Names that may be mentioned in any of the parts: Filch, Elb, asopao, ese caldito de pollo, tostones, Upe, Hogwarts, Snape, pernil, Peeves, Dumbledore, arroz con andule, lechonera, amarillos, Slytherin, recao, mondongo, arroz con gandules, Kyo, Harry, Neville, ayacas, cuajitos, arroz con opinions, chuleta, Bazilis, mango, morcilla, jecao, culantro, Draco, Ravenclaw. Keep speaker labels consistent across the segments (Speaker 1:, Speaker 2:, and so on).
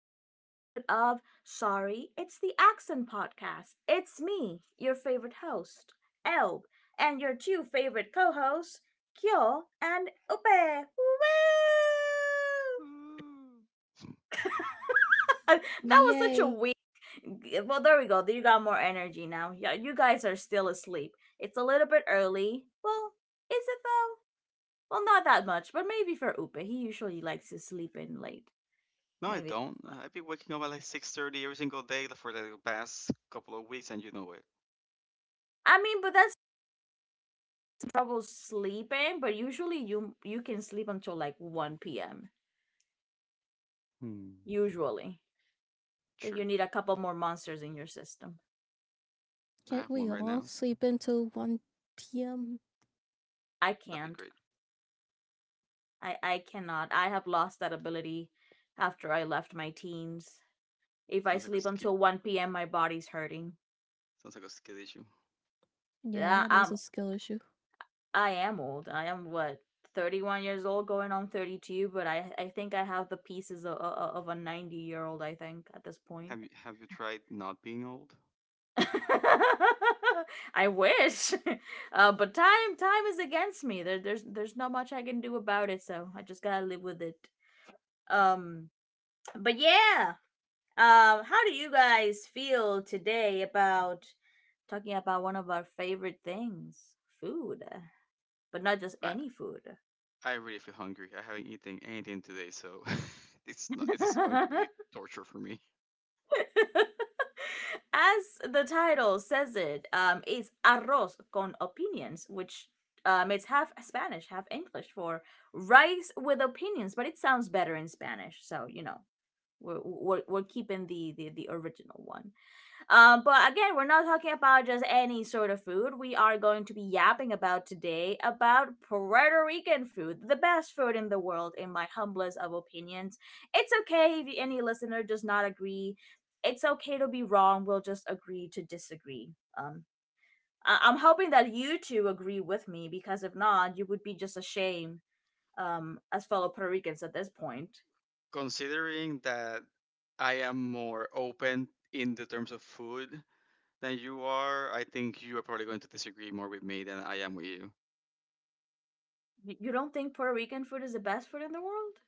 Speaker 1: episode of Sorry, it's the Accent Podcast. It's me, your favorite host, Elb, and your two favorite co-hosts, Kyo and Upe. Woo! That was such a
Speaker 2: Yay!
Speaker 1: weird well, there we go. You got more energy now. Yeah, you guys are still asleep. It's a little bit early. Well, is it though? Well, not that much, but maybe for Upe, he usually likes to sleep in late.
Speaker 3: No, I
Speaker 1: Maybe that's
Speaker 3: don't.
Speaker 1: why.
Speaker 3: I've been waking up at like 6:30 every single day for the past couple of weeks, and you know it.
Speaker 1: I mean, but that's trouble sleeping. But usually, you can sleep until like one p.m.
Speaker 3: Hmm.
Speaker 1: Usually, I think you
Speaker 3: Sure,
Speaker 1: need a couple more monsters in your system.
Speaker 3: I
Speaker 2: Can't
Speaker 3: have
Speaker 2: we
Speaker 3: one right
Speaker 2: all
Speaker 3: now.
Speaker 2: sleep until 1 p.m.?
Speaker 1: I
Speaker 3: That'd be
Speaker 1: can't.
Speaker 3: great.
Speaker 1: I cannot. I have lost that ability after I left my teens. If I
Speaker 3: Sounds like a
Speaker 1: sleep
Speaker 3: skill.
Speaker 1: until one p.m., my body's hurting.
Speaker 3: Sounds like a skill issue.
Speaker 2: Yeah,
Speaker 1: Yeah,
Speaker 2: that is
Speaker 1: I'm
Speaker 2: a skill issue.
Speaker 1: I am old. I am what, 31 years old going on 32, but I think I have the pieces of a 90-year-old I think at this point.
Speaker 3: Have you tried not being old?
Speaker 1: I wish. But time is against me. There's not much I can do about it, so I just got to live with it. Um but yeah. How do you guys feel today about talking about one of our favorite things, food, but not just
Speaker 3: I
Speaker 1: any food.
Speaker 3: I really feel hungry. I haven't eaten anything today, so it's not. It is going to be torture for me.
Speaker 1: As the title says it, it's arroz con opinions, which it's half Spanish, half English for rice with opinions, but it sounds better in Spanish. So, you know, we're keeping the original one. But again, we're not talking about just any sort of food. We are going to be yapping about today about Puerto Rican food, the best food in the world, in my humblest of opinions. It's okay if any listener does not agree. It's okay to be wrong. We'll just agree to disagree. Um, I'm hoping that you two agree with me because if not, you would be just ashamed, as fellow Puerto Ricans at this point.
Speaker 3: Considering that I am more open in the terms of food than you are, I think you are probably going to disagree more with me than I am with you.
Speaker 1: You don't think Puerto Rican food is the best food in the world?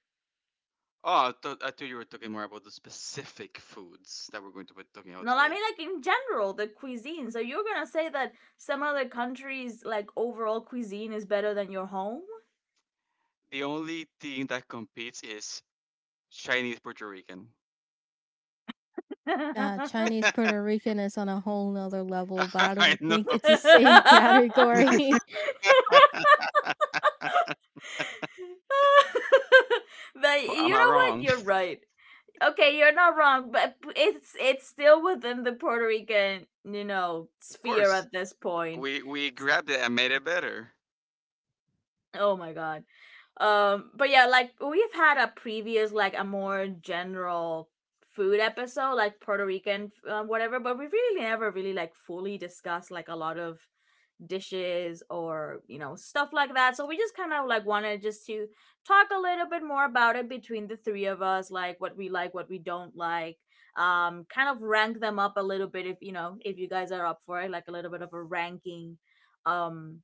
Speaker 3: Oh, I thought you were talking more about the specific foods that we're going to be talking about
Speaker 1: No, I
Speaker 3: today.
Speaker 1: mean like in general, the cuisine. So you're gonna say that some other countries like overall cuisine is better than your home?
Speaker 3: The only thing that competes is Chinese Puerto Rican.
Speaker 1: But
Speaker 2: Nah,
Speaker 1: you
Speaker 2: Chinese Puerto Rican is on a whole nother level, but I
Speaker 3: I
Speaker 2: don't
Speaker 3: know.
Speaker 2: think it's the same category.
Speaker 3: But am I
Speaker 1: know what?
Speaker 3: wrong?
Speaker 1: You're right. Okay, you're not wrong, but it's still within the Puerto Rican, you know,
Speaker 3: Of
Speaker 1: sphere
Speaker 3: course.
Speaker 1: at this point.
Speaker 3: We grabbed it and made it better.
Speaker 1: Oh my god. But yeah, like we've had a previous, like a more general food episode, like Puerto Rican, whatever. But we really never really like fully discussed like a lot of dishes or you know stuff like that. So we just kind of like wanted just to talk a little bit more about it between the three of us, like, what we don't like. Kind of rank them up a little bit if you know if you guys are up for it, like a little bit of a ranking, um,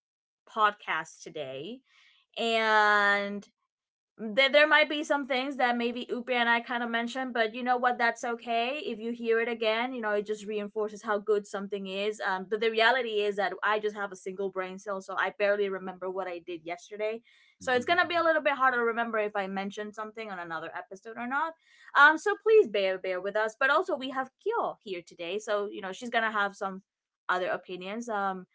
Speaker 1: podcast today. And there might be some things that maybe Upi and I kind of mentioned, but you know what? That's okay. If you hear it again, you know, it just reinforces how good something is. But the reality is that I just have a single brain cell, so I barely remember what I did yesterday. So it's going to be a little bit harder to remember if I mentioned something on another episode or not. So please bear with us. But also, we have Kyo here today. So, you know, she's going to have some other opinions. Um,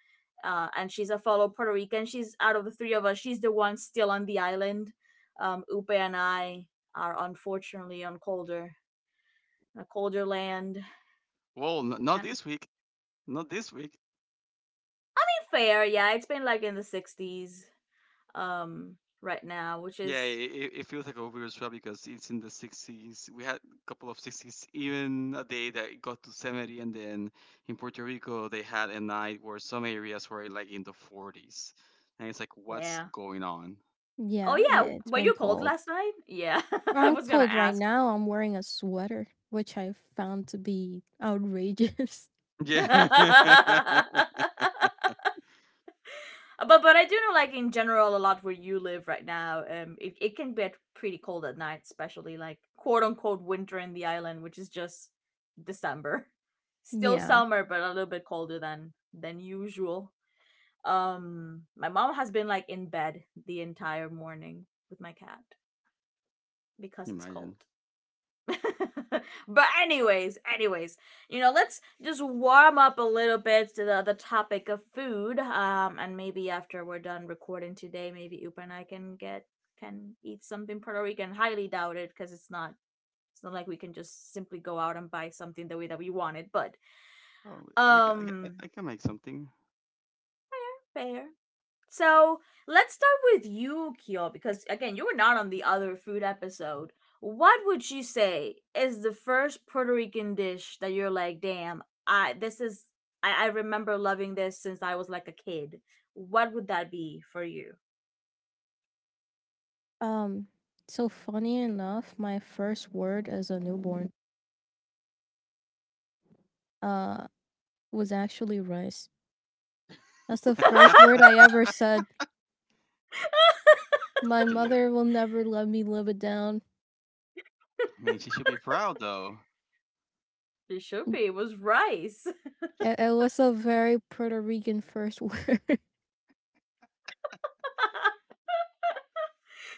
Speaker 1: uh, And she's a fellow Puerto Rican. She's out of the three of us, she's the one still on the island, Upe and I are unfortunately on colder, a colder land.
Speaker 3: Well,
Speaker 1: We
Speaker 3: not
Speaker 1: can't. To
Speaker 3: this week. Not this week.
Speaker 1: be fair, yeah. It's been like in the 60s um, right now, which
Speaker 3: Yeah,
Speaker 1: is
Speaker 3: it it feels like a weird swell because it's in the 60s. We had a couple of 60s, even a day that it got to 70, and then in Puerto Rico they had a night where some areas were like in the 40s, and it's like, what's
Speaker 1: yeah.
Speaker 3: going on?
Speaker 1: Oh
Speaker 2: Yeah,
Speaker 1: yeah,
Speaker 2: it's
Speaker 1: were
Speaker 2: been
Speaker 1: you cold
Speaker 2: cold.
Speaker 1: last night? Yeah, I
Speaker 2: I'm
Speaker 1: was gonna
Speaker 2: cold right
Speaker 1: ask.
Speaker 2: now. I'm wearing a sweater, which I found to be outrageous.
Speaker 3: Yeah,
Speaker 1: But I do know like in general a lot where you live right now, it, it can get pretty cold at night, especially like quote unquote winter in the island, which is just December. Still
Speaker 2: Yeah.
Speaker 1: summer, but a little bit colder than usual. My mom has been like in bed the entire morning with my cat because it's cold.
Speaker 3: imagine.
Speaker 1: But anyways, anyways, you know, let's just warm up a little bit to the topic of food. And maybe after we're done recording today, maybe Upa and I can eat something Puerto Rican. Highly doubt it because it's not like we can just simply go out and buy something the way that we want it. But
Speaker 3: Oh, we can,
Speaker 1: um,
Speaker 3: I can make something.
Speaker 1: fair. So let's start with you, Kyo, because again, you were not on the other food episode. What would you say is the first Puerto Rican dish that you're like, damn, I remember loving this since I was like a kid. What would that be for you?
Speaker 2: Um. So funny enough, my first word as a newborn, uh, was actually rice. That's the first word I ever said. My
Speaker 3: See it.
Speaker 2: mother will never let me live it down.
Speaker 3: I mean, she should be proud though.
Speaker 1: It should
Speaker 2: Mm.
Speaker 1: be. It was rice.
Speaker 2: It was a very Puerto Rican first word.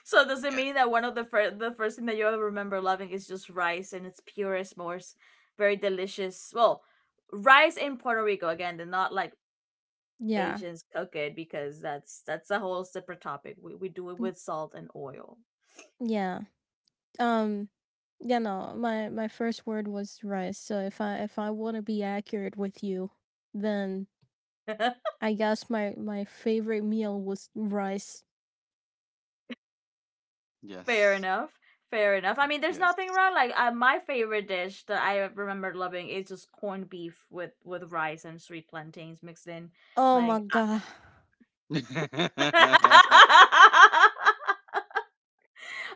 Speaker 1: So does it
Speaker 3: Yeah.
Speaker 1: mean that one of the first thing that you ever remember loving is just rice in its purest, most very delicious? Well, rice in Puerto Rico again. They're not like
Speaker 2: Yeah.
Speaker 1: Asians cook it because that's a whole separate topic. We do it
Speaker 2: Mm.
Speaker 1: with salt and oil.
Speaker 2: Yeah. Um yeah, no. My first word was rice. So if I want to be accurate with you, then I guess my favorite meal was rice.
Speaker 1: Fair
Speaker 3: Yes.
Speaker 1: enough. Fair enough. I mean, there's
Speaker 3: Yes.
Speaker 1: nothing wrong. Like my favorite dish that I remember loving is just corned beef with rice and sweet plantains mixed in.
Speaker 2: Oh my
Speaker 1: Like,
Speaker 2: god.
Speaker 1: I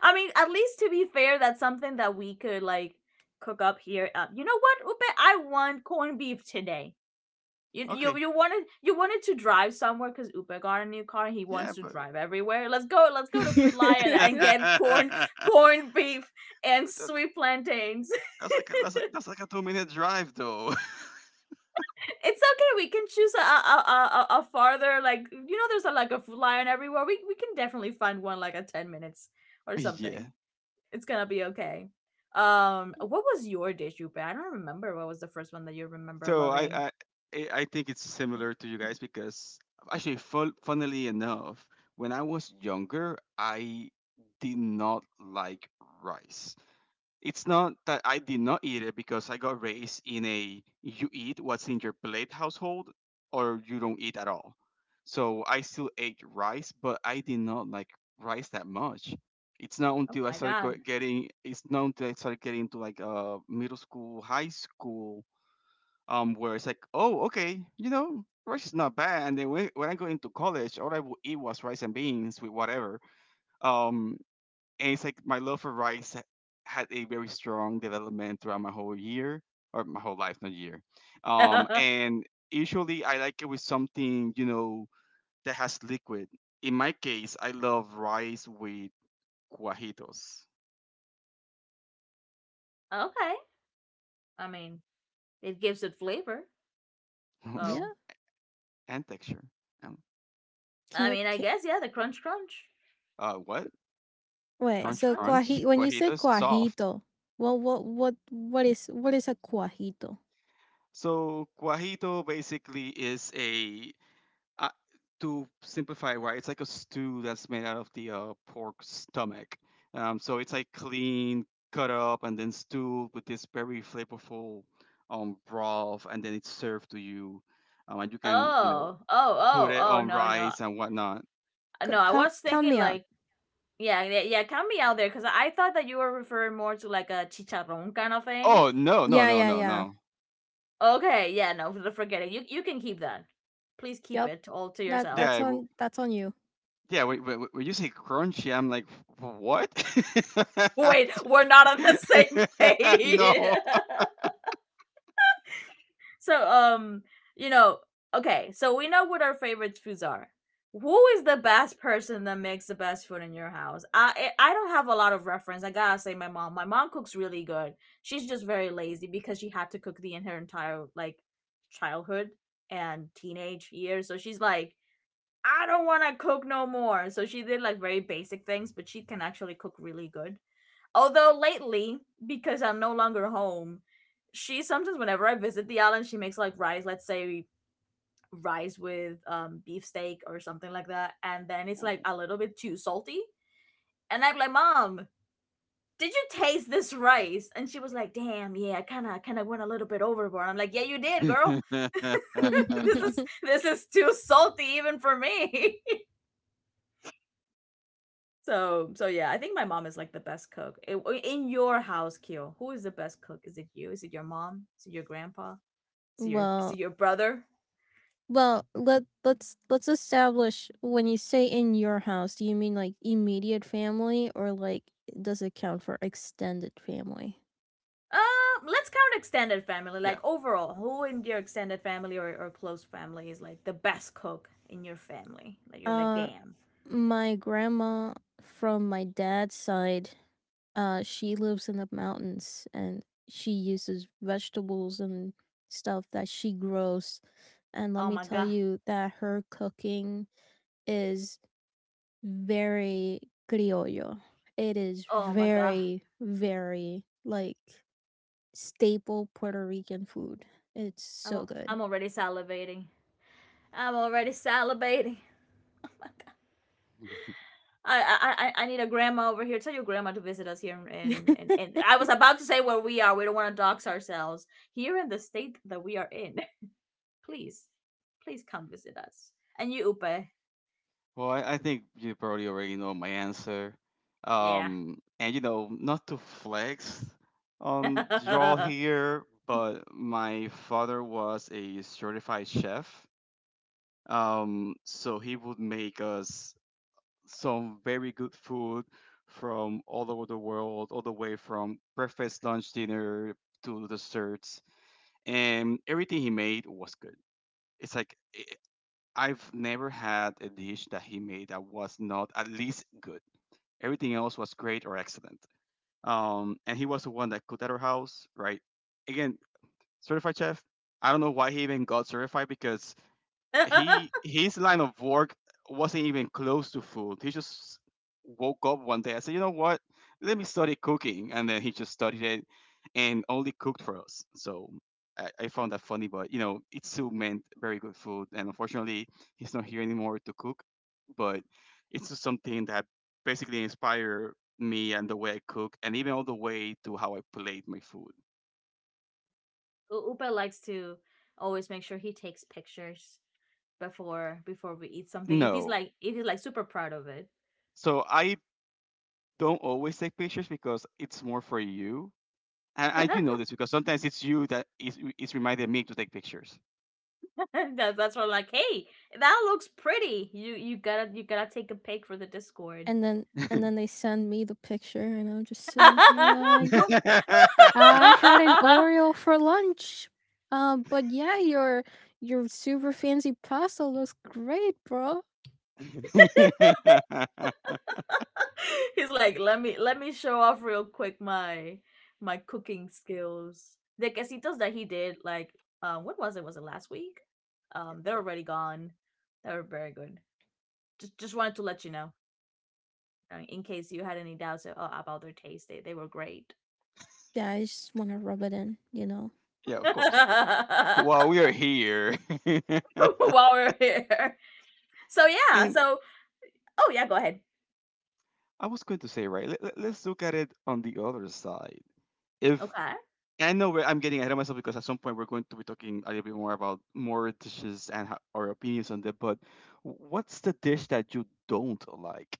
Speaker 1: I mean, at least to be fair, that's something that we could like cook up here. You know what, Upe? I want corned beef today. You you
Speaker 3: Okay.
Speaker 1: you wanted to drive somewhere because Upa got a new car and he
Speaker 3: Yeah,
Speaker 1: wants to
Speaker 3: but.
Speaker 1: drive everywhere. Let's go to Food Lion and get corned beef and
Speaker 3: That,
Speaker 1: sweet plantains.
Speaker 3: That's like that's like a 2 minute drive though.
Speaker 1: It's okay we can choose a farther like you know there's a like a Food Lion everywhere. We can definitely find one like at 10 minutes or something.
Speaker 3: Yeah.
Speaker 1: It's gonna be okay. What was your dish, Upa? I don't remember what was the first one that you remember
Speaker 3: So
Speaker 1: loving.
Speaker 3: I think it's similar to you guys because actually, funnily enough, when I was younger, I did not like rice. It's not that I did not eat it because I got raised in a you eat what's in your plate household or you don't eat at all. So I still ate rice, but I did not like rice that much.
Speaker 1: Oh my god.
Speaker 3: It's not until I started getting into like middle school, high school, where it's like, oh okay, you know, rice is not bad. And then when I go into college, all I would eat was rice and beans with whatever. Um and it's like my love for rice had a very strong development throughout my whole year or my whole life, not year. And usually I like it with something you know that has liquid. In my case, I love rice with cuajitos
Speaker 1: Okay, I mean it gives it flavor.
Speaker 2: Yeah.
Speaker 1: Oh,
Speaker 3: and texture. Um,
Speaker 1: I mean, I
Speaker 2: Can't
Speaker 1: guess yeah. The crunch, crunch,
Speaker 3: what?
Speaker 2: Wait.
Speaker 1: crunch,
Speaker 3: Crunch,
Speaker 2: So
Speaker 1: crunch.
Speaker 3: crunch.
Speaker 2: cuaji when you say
Speaker 3: Cuajitos, soft.
Speaker 2: cuajito, Well, what is a cuajito?
Speaker 3: So cuajito basically is a I, to simplify it right, it's like a stew that's made out of the pork stomach. So it's like clean, cut up, and then stewed with this very flavorful broth, and then it's served to you. And you can, you know,
Speaker 1: Oh, oh,
Speaker 3: put
Speaker 1: oh,
Speaker 3: it
Speaker 1: oh.
Speaker 3: on
Speaker 1: No, no,
Speaker 3: rice and whatnot.
Speaker 1: Uh,
Speaker 2: C-
Speaker 1: no. I
Speaker 2: count
Speaker 1: was
Speaker 2: count
Speaker 1: thinking
Speaker 2: me out.
Speaker 1: like, yeah, yeah. Count me out there because I thought that you were referring more to like a chicharrón kind of thing.
Speaker 3: Oh no, no,
Speaker 2: Yeah,
Speaker 3: no,
Speaker 2: yeah,
Speaker 3: no,
Speaker 2: yeah.
Speaker 3: no.
Speaker 1: Okay, yeah, no, forget it. You can keep that. Please keep
Speaker 2: Yep.
Speaker 1: it all to
Speaker 2: That
Speaker 3: Yeah,
Speaker 1: yourself.
Speaker 2: that's
Speaker 3: I w-
Speaker 2: on that's on you.
Speaker 3: yeah. When you say crunchy, I'm like, what?
Speaker 1: Wait, we're not on the same page.
Speaker 3: No.
Speaker 1: So, you know, okay, so we know what our favorite foods are. Who is the best person that makes the best food in your house? I don't have a lot of reference. I gotta say, my mom. My mom cooks really good. She's just very lazy because she had to cook the in her entire like childhood and teenage years. So she's like, I don't want to cook no more. So she did like very basic things, but she can actually cook really good. Although lately, because I'm no longer home, she sometimes whenever I visit the island, she makes like rice, let's say rice with beefsteak or something like that, and then it's like a little bit too salty. And I'm like, Mom, did you taste this rice? And she was like, Damn, yeah, I kinda kinda went a little bit overboard. I'm like, Yeah, you did, girl. This is too salty even for me. So so yeah, I think my mom is like the best cook. In your house, Keo, who is the best cook? Is it you? Is it your mom? Is it your grandpa? Is it
Speaker 2: Well,
Speaker 1: your brother?
Speaker 2: let's establish, when you say "in your house," do you mean like immediate family, or like does it count for extended family?
Speaker 1: Let's count extended family.
Speaker 3: Yeah.
Speaker 1: Like overall, who in your extended family or close family is like the best cook in your family? Like you're like,
Speaker 2: Uh
Speaker 1: damn.
Speaker 2: my grandma from my dad's side, she lives in the mountains and she uses vegetables and stuff that she grows. And let
Speaker 1: Oh
Speaker 2: me
Speaker 1: my
Speaker 2: tell
Speaker 1: god.
Speaker 2: you that her cooking is very criollo. It is
Speaker 1: Oh my god.
Speaker 2: very, very like staple Puerto Rican food. It's
Speaker 1: I'm
Speaker 2: so
Speaker 1: al-
Speaker 2: good.
Speaker 1: I'm already salivating. I'm already salivating. I need a grandma over here. Tell your grandma to visit us here and I was about to say where we are. We don't want to dox ourselves here in the state that we are in. Please, please come visit us. And you, Upe,
Speaker 3: Well, I think you probably already know my answer.
Speaker 1: yeah.
Speaker 3: And you know, not to flex on y'all here, but my father was a certified chef. So he would make us some very good food from all over the world, all the way from breakfast, lunch, dinner to desserts, and everything he made was good. It's like I've never had a dish that he made that was not at least good. Everything else was great or excellent. And he was the one that cooked at our house, right? Again, certified chef. I don't know why he even got certified because he his line of work wasn't even close to food. He just woke up one day. I said, you know what? Let me study cooking, and then he just studied it and only cooked for us. So I found that funny, but you know, it still meant very good food. And unfortunately, he's not here anymore to cook. But it's just something that basically inspired me and the way I cook, and even all the way to how I plate my food.
Speaker 1: Upe likes to always make sure he takes pictures before we eat something.
Speaker 3: No.
Speaker 1: If he's like super proud of it,
Speaker 3: So I don't always take pictures because it's more for you. And you know this because sometimes it's you that is reminding me to take pictures.
Speaker 1: that's why I'm like, hey, that looks pretty. You gotta take a pic for the Discord.
Speaker 3: Yeah,
Speaker 2: And then they send me the picture and I'm just sitting here like, yeah. I had an Oreo for lunch. But yeah, your super fancy pasta looks great, bro.
Speaker 1: He's like, let me show off real quick my my cooking skills. The quesitos that he did, like, when was it? Was it last week? They're already gone. They were very good. Just wanted to let you know, in case you had any doubts about their taste. They were great.
Speaker 2: Yeah, I just wanna rub it in, you know.
Speaker 3: of course.
Speaker 1: While
Speaker 3: While we are here, and
Speaker 1: we're here, so oh yeah, go ahead.
Speaker 3: I was going to say, right? Let's look at it on the other side. If
Speaker 1: Okay.
Speaker 3: I know where I'm getting ahead of myself because at some point we're going to be talking a little bit more about more dishes and our opinions on them. But what's the dish that you don't like?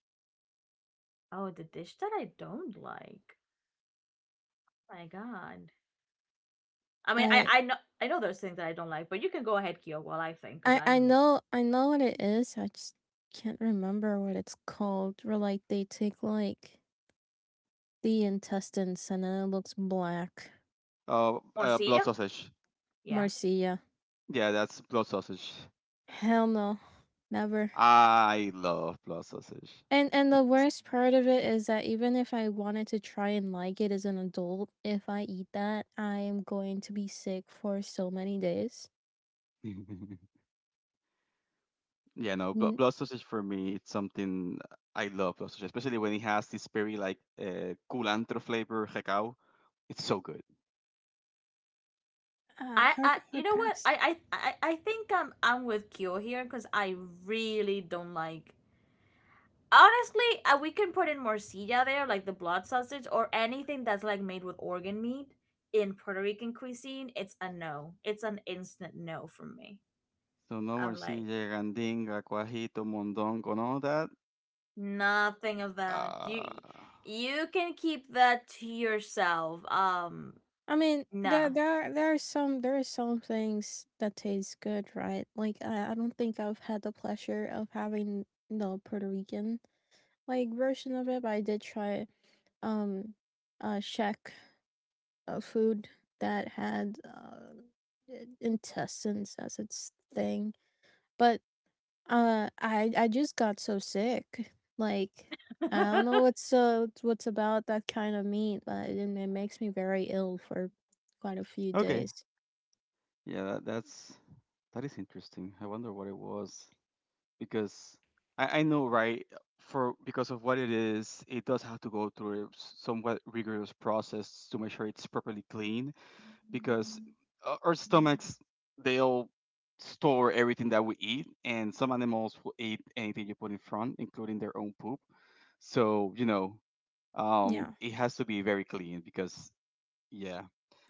Speaker 1: Oh, the dish that I don't like. My God. I mean, I
Speaker 2: I
Speaker 1: I know I know there's things that I don't like, but you can go ahead, Kyo, while I think, because
Speaker 2: I
Speaker 1: I'm
Speaker 2: know, I know what it is. I just can't remember what it's called. Where like they take like the intestines and then it looks black.
Speaker 3: Blood
Speaker 1: morcilla.
Speaker 3: sausage.
Speaker 1: Yeah.
Speaker 2: Marcia.
Speaker 3: Yeah, that's blood sausage.
Speaker 2: Hell no. Never.
Speaker 3: I love blood sausage.
Speaker 2: And the
Speaker 3: It's
Speaker 2: worst part of it is that even if I wanted to try and like it as an adult, if I eat that, I am going to be sick for so many days.
Speaker 3: yeah, no,
Speaker 2: N-
Speaker 3: blood sausage for me, it's something I love blood sausage, especially when it has this very like culantro flavor cacao. It's so good.
Speaker 1: I,
Speaker 2: Hard
Speaker 1: I you
Speaker 2: hard
Speaker 1: know what I
Speaker 2: pass.
Speaker 1: I I I think I'm with Kyo here because I really don't like honestly, we can put in morcilla there like the blood sausage or anything that's like made with organ meat in Puerto Rican cuisine. It's a no, it's an instant no from me.
Speaker 3: So no more
Speaker 1: I'm like,
Speaker 3: morcilla, gandinga, cuajito, mondongo, and all that.
Speaker 1: nothing of that. You
Speaker 3: Uh,
Speaker 1: You can keep that to yourself.
Speaker 2: I mean,
Speaker 1: No.
Speaker 2: there there are some there are some things that taste good, right? Like, I don't think I've had the pleasure of having the Puerto Rican like version of it, but I did try um Czech food that had intestines as its thing. But I just got so sick. Like, I don't know what's about that kind of meat, but it makes me very ill for quite a few
Speaker 3: okay,
Speaker 2: days.
Speaker 3: yeah, that's that is interesting. I wonder what it was, because I know right for because of what it is it does have to go through a somewhat rigorous process to make sure it's properly clean because our stomachs they'll store everything that we eat and some animals will eat anything you put in front including their own poop so you know
Speaker 2: Yeah.
Speaker 3: it has to be very clean because yeah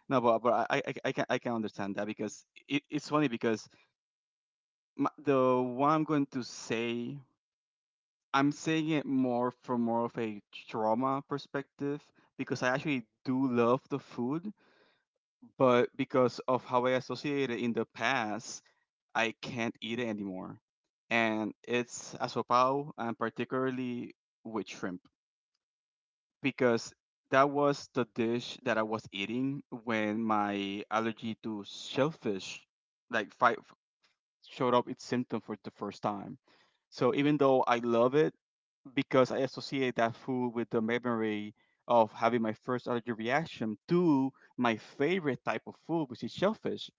Speaker 3: no but I can understand that because it's funny because the one I'm going to say I'm saying it more from more of a trauma perspective because I actually do love the food, but because of how I associate it in the past, I can't eat it anymore. And it's asopao and particularly with shrimp because that was the dish that I was eating when my allergy to shellfish like fight showed up its symptom for the first time. So even though I love it because I associate that food with the memory of having my first allergy reaction to my favorite type of food, which is shellfish.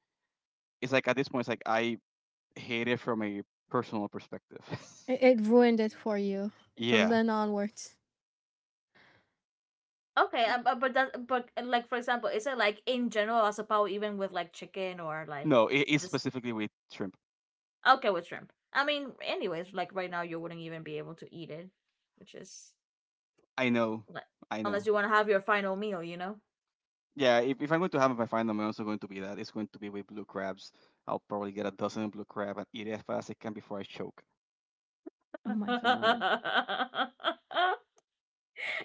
Speaker 3: It's like at this point, it's like I hate it from a personal perspective.
Speaker 2: It ruined it for you from
Speaker 3: Yeah.
Speaker 2: then onwards.
Speaker 1: Okay, but that but like for example, is it like in general as a power even with like chicken or like
Speaker 3: No, it is
Speaker 1: just
Speaker 3: specifically with shrimp.
Speaker 1: okay with shrimp? I mean, anyways, like right now you wouldn't even be able to eat it, which is
Speaker 3: I know.
Speaker 1: like
Speaker 3: I
Speaker 1: unless
Speaker 3: know.
Speaker 1: you want to have your final meal, you know.
Speaker 3: Yeah, if I'm going to have my final, I'm also going to be that. It's going to be with blue crabs. I'll probably get a dozen blue crab and eat it as fast as I can before I choke.
Speaker 2: Oh my god.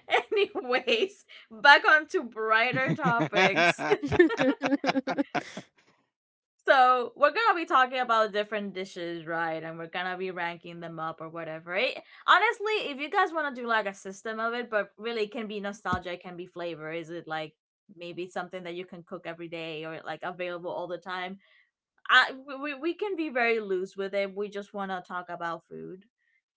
Speaker 1: Anyways, back on to brighter topics.
Speaker 3: Yeah,
Speaker 1: So we're gonna be talking about different dishes, right? And we're gonna be ranking them up or whatever. Honestly, if you guys wanna do like a system of it, but really it can be nostalgia, it can be flavor. Is it like maybe something that you can cook every day or like available all the time? I We can be very loose with it. We just wanna talk about food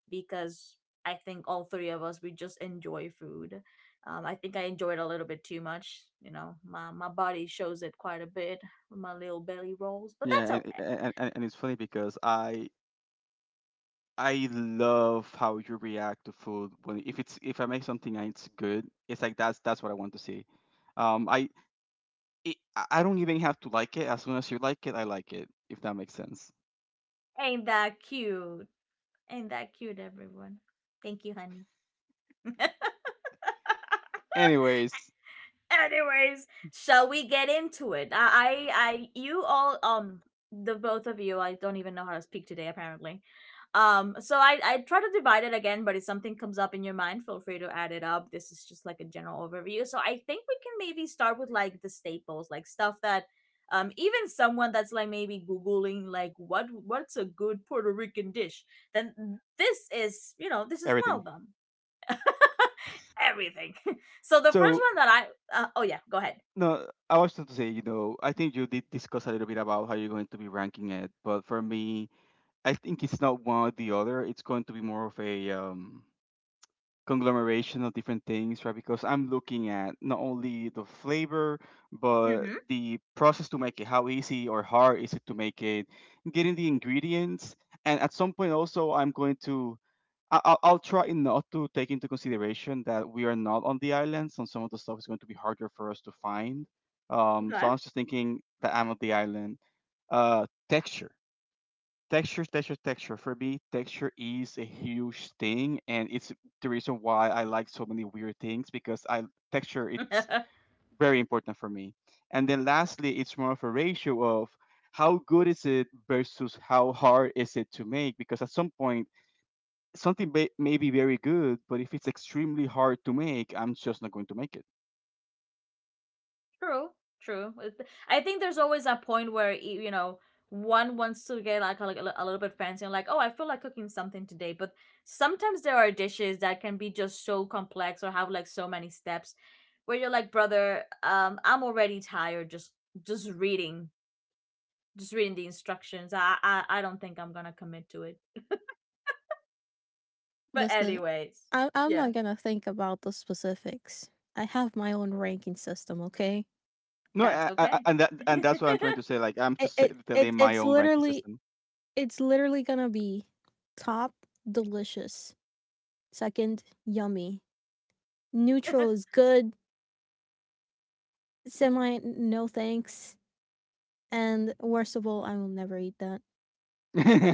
Speaker 1: because I think all three of us we just enjoy food. I think I enjoy it a little bit too much. You know, my body shows it quite a bit with my little belly rolls, but that's okay.
Speaker 3: and it's funny because I love how you react to food when if it's if I make something and it's good, it's like that's what I want to see. I it, I don't even have to like it. As soon as you like it, I like it. If that makes sense.
Speaker 1: Ain't that cute? Ain't that cute, everyone? Thank you, honey.
Speaker 3: Anyways,
Speaker 1: Anyways, shall we get into it? You all, the both of you, I don't even know how to speak today, apparently. So I try to divide it again, but if something comes up in your mind, feel free to add it up. This is just like a general overview. So I think we can maybe start with like the staples, like stuff that, even someone that's like maybe googling like what's a good Puerto Rican dish, then this is you know this is one
Speaker 3: everything.
Speaker 1: of them. Everything. So the first
Speaker 3: So
Speaker 1: one that oh yeah, go ahead.
Speaker 3: no, I was just to say, you know, I think you did discuss a little bit about how you're going to be ranking it, but for me, I think it's not one or the other. It's going to be more of a conglomeration of different things, right? Because I'm looking at not only the flavor, but
Speaker 1: Mm-hmm.
Speaker 3: the process to make it. How easy or hard is it to make it? Getting the ingredients, and at some point also, I'm going to. I'll try not to take into consideration that we are not on the island, so some of the stuff is going to be harder for us to find. So
Speaker 1: Okay.
Speaker 3: I was just thinking that I'm on the island. Texture. Texture. For me, texture is a huge thing, and it's the reason why I like so many weird things because I texture it's very important for me. And then lastly, it's more of a ratio of how good is it versus how hard is it to make because at some point something may be very good, but if it's extremely hard to make, I'm just not going to make it.
Speaker 1: True. True. I think there's always a point where you know one wants to get like a, like a little bit fancy and like, oh, I feel like cooking something today, but sometimes there are dishes that can be just so complex or have like so many steps where you're like, brother, um, I'm already tired just just reading just reading the instructions. I don't think I'm gonna commit to it. But
Speaker 2: Listen,
Speaker 1: anyways,
Speaker 2: I'm not
Speaker 1: yeah,
Speaker 2: gonna think about the specifics. I have my own ranking system, okay?
Speaker 3: No,
Speaker 1: that's okay.
Speaker 3: and that and that's what I'm trying to say. Like I'm
Speaker 2: It,
Speaker 3: just
Speaker 2: it, it
Speaker 3: telling my
Speaker 2: it's
Speaker 3: own ranking
Speaker 2: literally,
Speaker 3: system,
Speaker 2: it's literally gonna be top delicious, second yummy, neutral is good, semi no thanks, and worst of all, I will never eat that.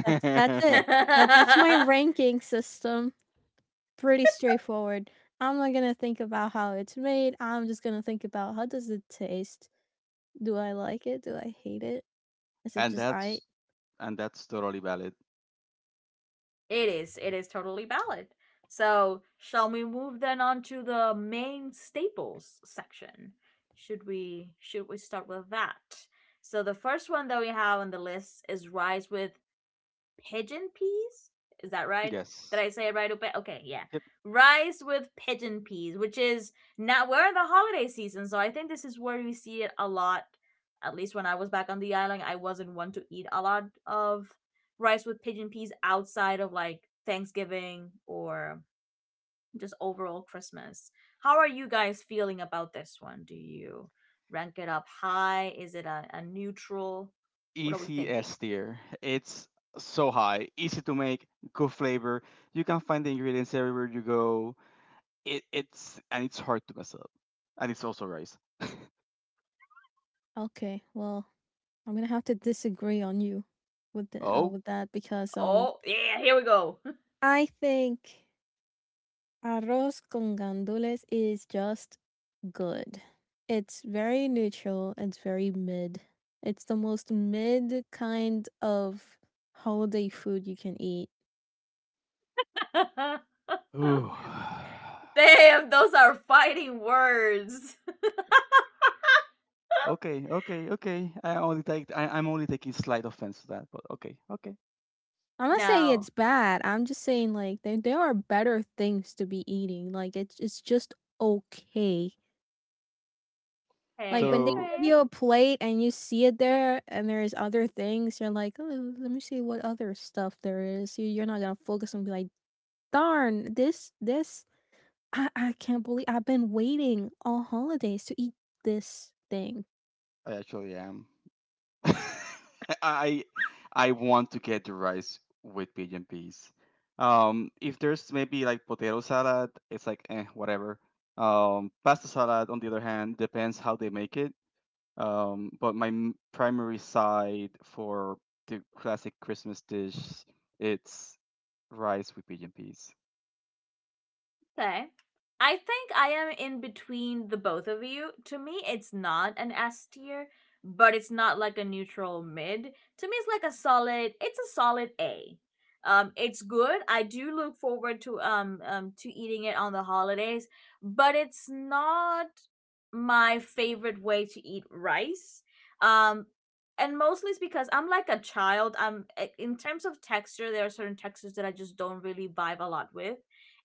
Speaker 2: That's it. That that's my ranking system. Pretty straightforward. I'm not gonna think about how it's made. I'm just gonna think about how does it taste? Do I like it? Do I hate it? Is it
Speaker 3: and
Speaker 2: just I?
Speaker 3: that's and that's totally valid.
Speaker 1: It is. It is totally valid. So, shall we move then on to the main staples section? Should we start with that? So the first one that we have on the list is rice with pigeon peas. Is that right? Did
Speaker 3: Yes.
Speaker 1: I say it right? Okay, yeah.
Speaker 3: Yep.
Speaker 1: Rice with pigeon peas, which is now we're in the holiday season, so I think this is where we see it a lot. At least when I was back on the island, I wasn't one to eat a lot of rice with pigeon peas outside of like Thanksgiving or just overall Christmas. How are you guys feeling about this one? Do you rank it up high? Is it a neutral? What are we
Speaker 3: Easy
Speaker 1: thinking?
Speaker 3: S tier. It's so high, easy to make, good flavor. You can find the ingredients everywhere you go. It's and it's hard to mess up, and it's also rice.
Speaker 2: Okay, well, I'm gonna have to disagree on you with the,
Speaker 3: Oh.
Speaker 2: with that because
Speaker 1: Oh, yeah, here we go.
Speaker 2: I think arroz con gandules is just good. It's very neutral. It's very mid. It's the most mid kind of holiday food you can eat.
Speaker 3: Ooh.
Speaker 1: Damn, those are fighting words.
Speaker 3: Okay. I'm only taking slight offense to that, but okay, okay.
Speaker 2: I'm not saying it's
Speaker 1: No.
Speaker 2: bad. I'm just saying like there are better things to be eating. Like, it's just okay. Like
Speaker 1: Hey,
Speaker 2: when they
Speaker 3: So
Speaker 2: give
Speaker 1: okay.
Speaker 2: you a plate and you see it there and there's other things, you're like, oh, let me see what other stuff there is. You're not gonna focus and be like, darn, this I can't believe I've been waiting all holidays to eat this thing.
Speaker 3: I actually am. I I want to get the rice with pigeon peas. If there's maybe like potato salad, it's like eh, whatever. Pasta salad, on the other hand, depends how they make it. But my primary side for the classic Christmas dish, it's rice with pigeon peas.
Speaker 1: Okay. I think I am in between the both of you. To me, it's not an S tier, but it's not like a neutral mid. To me, it's like a solid. It's a solid A. It's good. I do look forward to eating it on the holidays, but it's not my favorite way to eat rice. Um, and mostly it's because I'm like a child. I'm eh, in terms of texture, there are certain textures that I just don't really vibe a lot with.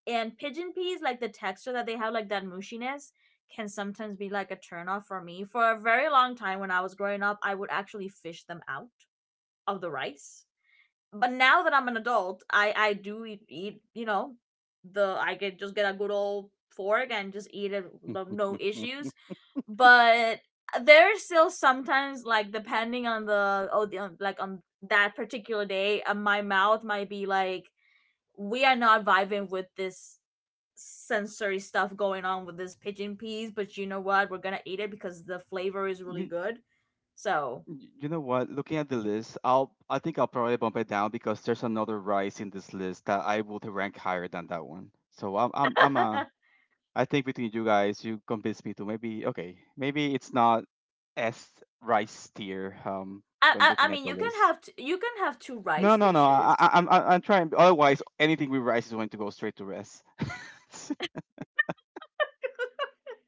Speaker 1: And pigeon peas, like the texture that they have, like that mushiness, can sometimes be like a turnoff for me. For a very long time when I was growing up, I would actually fish them out of the rice. But now that I'm an adult, I do eat, you know, the I can just get a good old fork and just eat it, no issues. But there's still sometimes like depending on the oh the, on, like on that particular day, my mouth might be like, we are not vibing with this sensory stuff going on with this pigeon peas, but you know what? We're gonna eat it because the flavor is really
Speaker 3: You,
Speaker 1: good. So,
Speaker 3: You know what? Looking at the list, I think I'll probably bump it down because there's another rice in this list that I would rank higher than that one. So I'm I'm I'm uh
Speaker 1: I,
Speaker 3: I think between you guys, you convinced me to maybe okay, maybe it's not S rice tier when
Speaker 1: I
Speaker 3: looking at
Speaker 1: mean,
Speaker 3: the
Speaker 1: you can
Speaker 3: list.
Speaker 1: have you can have two
Speaker 3: No,
Speaker 1: rice
Speaker 3: no, no.
Speaker 1: dishes.
Speaker 3: I I'm trying. Otherwise, anything with rice is going to go straight to S.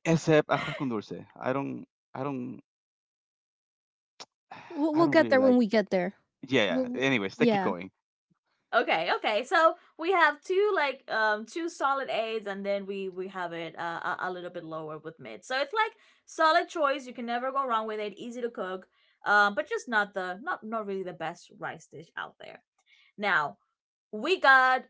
Speaker 3: Except ajo con dulce. I don't I don't
Speaker 2: We'll
Speaker 3: I
Speaker 2: we'll
Speaker 3: don't
Speaker 2: get
Speaker 3: really
Speaker 2: there when
Speaker 3: like.
Speaker 2: we get there.
Speaker 3: Yeah,
Speaker 2: We'll,
Speaker 3: yeah.
Speaker 2: we'll-
Speaker 3: Anyways, let's keep
Speaker 2: yeah.
Speaker 3: going.
Speaker 1: Okay, okay. So we have two like two solid aids, and then we have it a little bit lower with mid. So it's like solid choice. You can never go wrong with it. Easy to cook, but just not the not not really the best rice dish out there. Now we got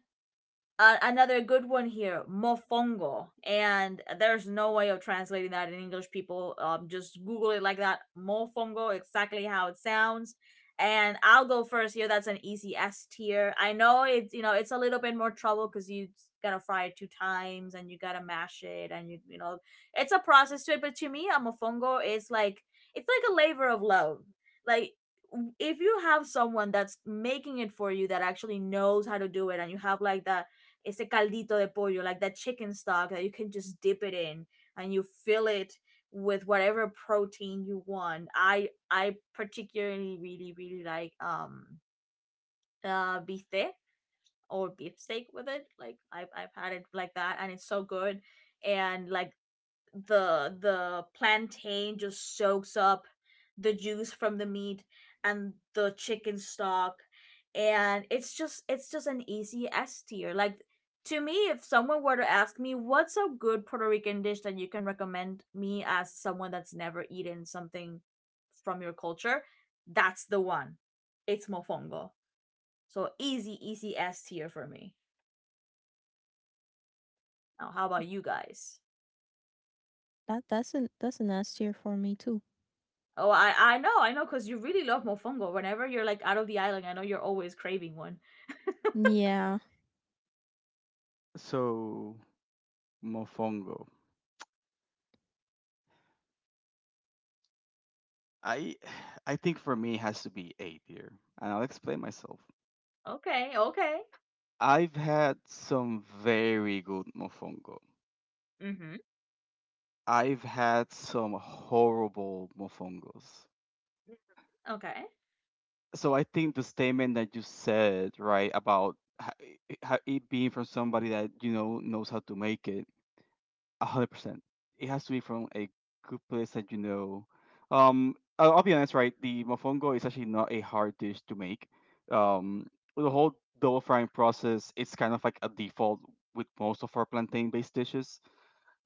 Speaker 1: uh, another good one here, mofongo, and there's no way of translating that in English. People, just Google it like that, mofongo, exactly how it sounds. And I'll go first here. That's an easy S tier. I know it's you know it's a little bit more trouble because you gotta fry it two times and you gotta mash it and you know it's a process to it. But to me, a mofongo is like it's like a labor of love. Like if you have someone that's making it for you that actually knows how to do it and you have like that ese caldito de pollo, like that chicken stock that you can just dip it in and you fill it with whatever protein you want. I particularly really like bistec or beefsteak with it. Like I've had it like that and it's so good. And like the plantain just soaks up the juice from the meat and the chicken stock and it's just an easy S tier. Like to me, if someone were to ask me what's a good Puerto Rican dish that you can recommend me as someone that's never eaten something from your culture, that's the one. It's mofongo. So easy, easy S tier for me. Now, how about you guys?
Speaker 2: That that's an S tier for me too.
Speaker 1: Oh, I know, because you really love mofongo. Whenever you're like out of the island, I know you're always craving one.
Speaker 2: Yeah.
Speaker 3: So Mofongo. I I think for me it has to be eight here. And I'll explain myself.
Speaker 1: Okay, okay.
Speaker 3: I've had some very good mofongo.
Speaker 1: Mm-hmm.
Speaker 3: I've had some horrible mofongos.
Speaker 1: Okay.
Speaker 3: So I think the statement that you said, right, about it being from somebody that you know knows how to make it. 100%. It has to be from a good place that you know. I'll be honest, right? The mofongo is actually not a hard dish to make. Um, the whole double frying process is kind of like a default with most of our plantain-based dishes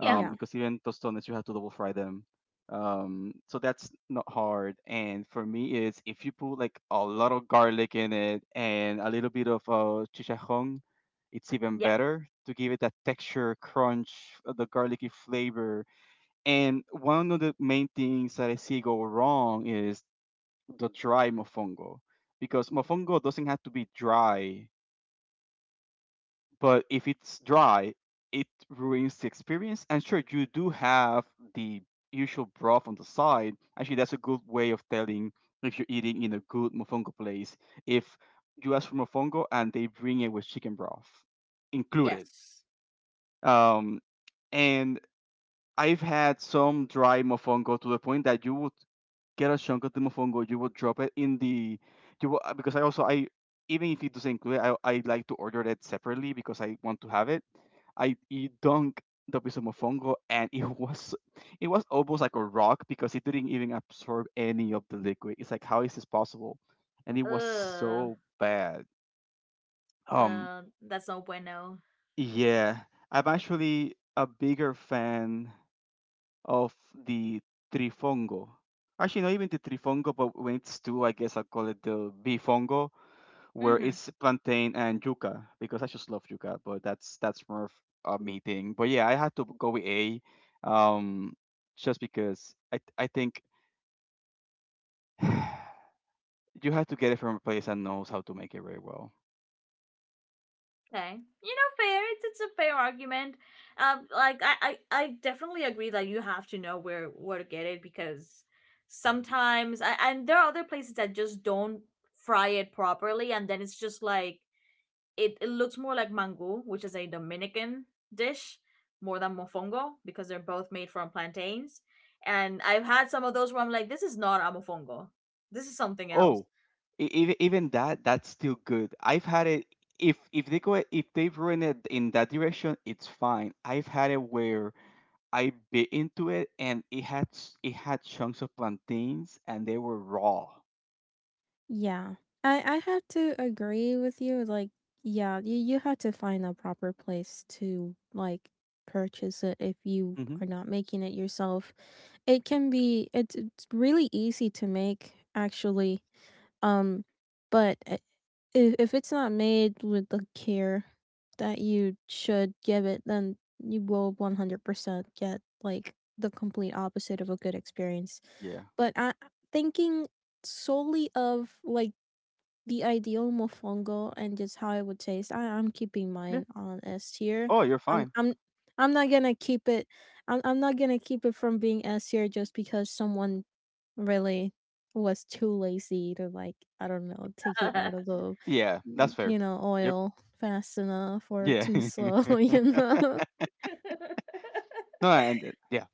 Speaker 1: Yeah.
Speaker 2: Yeah.
Speaker 3: because even tostones you have to double fry them. So that's not hard. And for me, is if you put like a lot of garlic in it and a little bit of chicharrón, it's even
Speaker 1: Yeah.
Speaker 3: better to give it that texture, crunch, the garlicky flavor. And one of the main things that I see go wrong is the dry mofongo, because mofongo doesn't have to be dry, but if it's dry, it ruins the experience. And sure, you do have the usual broth on the side. Actually, that's a good way of telling if you're eating in a good mofongo place. If you ask for mofongo and they bring it with chicken broth included,
Speaker 1: Yes.
Speaker 3: um, and I've had some dry mofongo to the point that you would get a chunk of Tumofongo, you will drop it in the you will because I also I even if it doesn't include it, I like to order it separately because I want to have it. I you dunk the piece of mofongo and it was almost like a rock because it didn't even absorb any of the liquid. It's like, how is this possible? And it was
Speaker 1: Uh.
Speaker 3: so bad. Um
Speaker 1: That's no bueno.
Speaker 3: yeah. I'm actually a bigger fan of the trifongo. Actually, not even the trifongo, but when it's two, I guess I'll call it the bifongo, where
Speaker 1: Mm-hmm. Okay. You
Speaker 3: it's plantain and yuca because I just love yuca. But that's more of a me thing. But yeah, I had to go with A, um, just because I think you have to get it from a place that knows how to make it very well.
Speaker 1: know, fair. It's a fair argument. Like I definitely agree that you have to know where to get it because sometimes I, and there are other places that just don't fry it properly and then it's just like it looks more like mango, which is a Dominican dish, more than mofongo because they're both made from plantains. And I've had some of those where I'm like, this is not a mofongo. This is something else.
Speaker 3: Oh, even that that's still good. I've had it. If they've ruined it in that direction, it's fine. I've had it where I bit into it, and it had chunks of plantains, and they were raw.
Speaker 2: Yeah. I have to agree with you like, yeah, you have to find a proper place to like purchase it if you
Speaker 3: Hmm.
Speaker 2: are not making it yourself. It can be it's really easy to make actually. Um but i- if it's not made with the care that you should give it, then you will 100% get like the complete opposite of a good experience.
Speaker 3: Yeah.
Speaker 2: But I, thinking solely of like the ideal mofongo and just how it would taste, I, I'm keeping
Speaker 3: Yeah.
Speaker 2: mine on S tier.
Speaker 3: Oh, you're
Speaker 2: I'm
Speaker 3: fine.
Speaker 2: I'm I'm not gonna keep it. I'm not gonna keep it from being S tier just because someone really was too lazy to like, I don't know, take it out of the
Speaker 3: Yeah, that's fair.
Speaker 2: you know,
Speaker 3: Yep.
Speaker 2: oil fast enough or
Speaker 3: Yeah.
Speaker 2: too slow. You know.
Speaker 3: no, and yeah.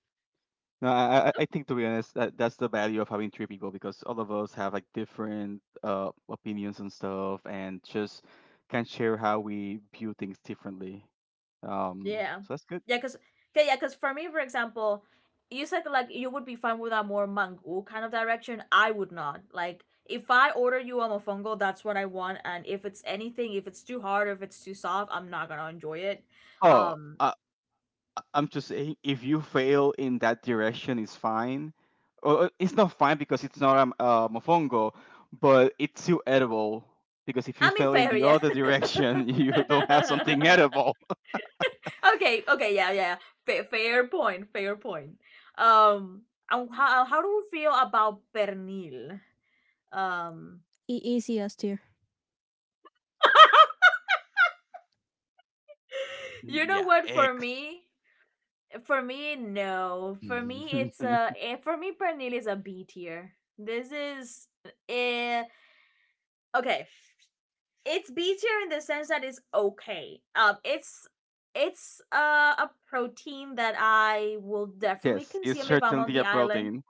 Speaker 3: No, I think, to be honest, that that's the value of having three people because all of us have like different opinions and stuff, and just can share how we view things differently.
Speaker 1: Yeah.
Speaker 3: So that's good.
Speaker 1: Yeah, because okay, yeah, because for me, for example, you said like you would be fine with a more mango kind of direction. I would not. Like if I order you a mofongo, that's what I want. And if it's anything, if it's too hard, if it's too soft, I'm not gonna enjoy it.
Speaker 3: Oh,
Speaker 1: Um,
Speaker 3: I'm just saying, if you fail in that direction, it's fine. Well, it's not fine because it's not a mofongo, but it's still edible. Because if you
Speaker 1: I mean,
Speaker 3: fail in
Speaker 1: fair,
Speaker 3: the
Speaker 1: yeah.
Speaker 3: other direction, you don't have something edible.
Speaker 1: Okay, okay, yeah, yeah. Fair, fair point, fair point. Um, and how do we feel about pernil? Um,
Speaker 2: E- easy S tier.
Speaker 1: you know
Speaker 3: yeah,
Speaker 1: what?
Speaker 3: eggs.
Speaker 1: For me, no. For me, it's a. Eh, for me, pernil is a B tier. This is eh, okay. It's B tier in the sense that it's okay. It's a protein that I will definitely
Speaker 3: Yes, it's
Speaker 1: consume if I'm on
Speaker 3: certainly
Speaker 1: the
Speaker 3: a
Speaker 1: island.
Speaker 3: protein.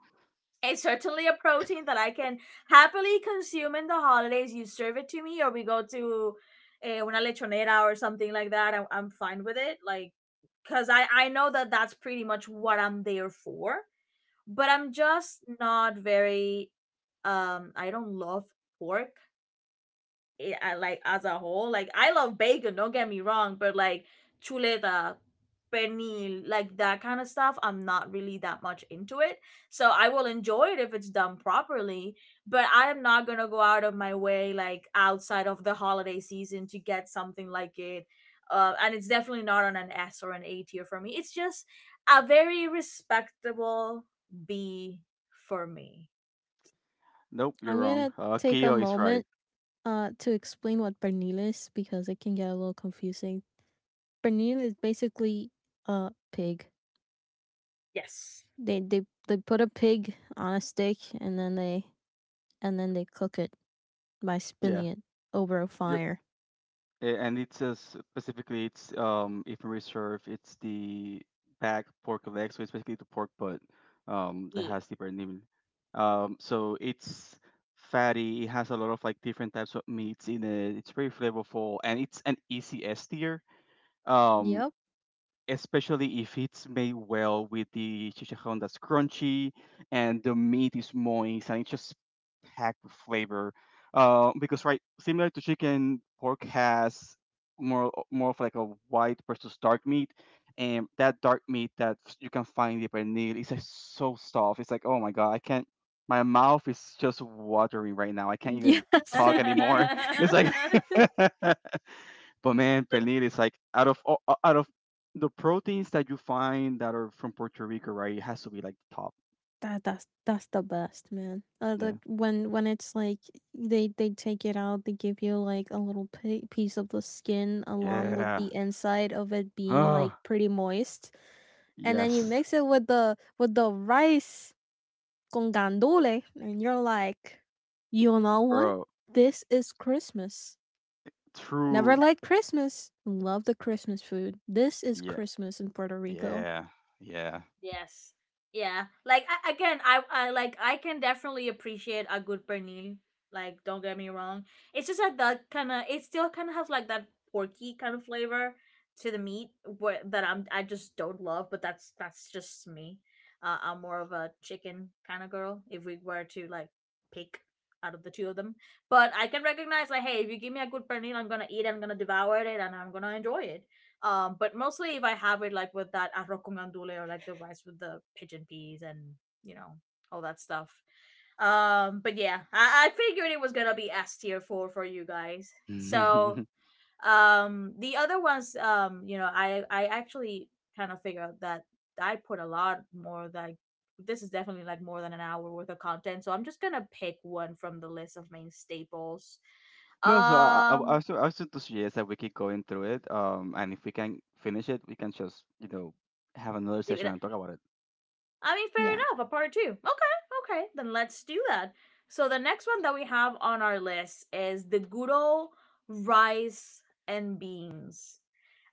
Speaker 1: It's certainly a protein that I can happily consume in the holidays. You serve it to me, or we go to eh, una lechonera or something like that. I'm fine with it, like because I know that that's pretty much what I'm there for. But I'm just not very. I don't love pork I like as a whole. Like I love bacon, don't get me wrong, but like chuleta, pernil, like that kind of stuff, I'm not really that much into it. So I will enjoy it if it's done properly, but I am not gonna go out of my way like outside of the holiday season to get something like it. And it's definitely not on an S or an A tier for me. It's just a very respectable B for me.
Speaker 3: Nope, you're
Speaker 2: I'm
Speaker 3: wrong.
Speaker 2: gonna take a
Speaker 3: Keo is right.
Speaker 2: moment to explain what pernil is, because it can get a little confusing. Pernil is basically a pig.
Speaker 1: Yes.
Speaker 2: They they they put a pig on a stick and then they cook it by
Speaker 3: Yeah.
Speaker 2: spinning it over a
Speaker 3: Yep.
Speaker 2: fire.
Speaker 3: A- and it's specifically it's if reserve it's the back pork leg, so it's basically the pork butt that
Speaker 1: Yeah.
Speaker 3: has the brand name, so it's fatty, it has a lot of like different types of meats in it, it's very flavorful, and it's an easy S tier, um
Speaker 2: Yep.
Speaker 3: especially if it's made well with the chicharrón that's crunchy and the meat is moist and it's just packed with flavor. Because right, similar to chicken, pork has more of like a white versus dark meat, and that dark meat that you can find in the pernil is like so soft. It's like, oh my god, I can't. My mouth is just watering right now. I can't
Speaker 2: Yeah,
Speaker 3: even talk
Speaker 2: same.
Speaker 3: anymore. It's like But man, pernil is like out of the proteins that you find that are from Puerto Rico, right? It has to be like the top.
Speaker 2: That that's the best, man.
Speaker 3: Yeah.
Speaker 2: When it's like they take it out, they give you like a little pi piece of the skin along with
Speaker 3: Yeah.
Speaker 2: the inside of it being like
Speaker 3: Oh,
Speaker 2: pretty moist, and then you
Speaker 3: yes,
Speaker 2: mix it with the rice con Gandule. And you're like, you know what?
Speaker 3: bro.
Speaker 2: This is Christmas. Never
Speaker 3: True.
Speaker 2: liked Christmas. Love the Christmas food. This is
Speaker 3: Yeah.
Speaker 2: Christmas in Puerto Rico.
Speaker 3: Yeah. Yeah.
Speaker 1: Yes. Yeah. Like I, again, I like I can definitely appreciate a good pernil. Like don't get me wrong. It's just that that kind of it still kind of has like that porky kind of flavor to the meat where, that I just don't love, but that's just me. I'm more of a chicken kind of girl if we were to like pick out of the two of them. But I can recognize like hey, if you give me a good pernil, I'm going to eat, I'm going to devour it and I'm going to enjoy it. But mostly if I have it like with that arroz con andule or like the rice with the pigeon peas and you know all that stuff. But yeah, I figured it was gonna be S tier for you guys. So the other ones, I actually kind of figured that I put a lot more like this is definitely like more than an hour worth of content. So I'm just gonna pick one from the list of main staples.
Speaker 3: No, so
Speaker 1: Um,
Speaker 3: I was just to suggest that we keep going through it. And if we can finish it, we can just, you know, have another
Speaker 1: Leave
Speaker 3: session
Speaker 1: it.
Speaker 3: and talk about it.
Speaker 1: I mean, fair
Speaker 2: Yeah.
Speaker 1: enough. A part two. Okay, okay. Then let's do that. So the next one that we have on our list is the good old rice and beans.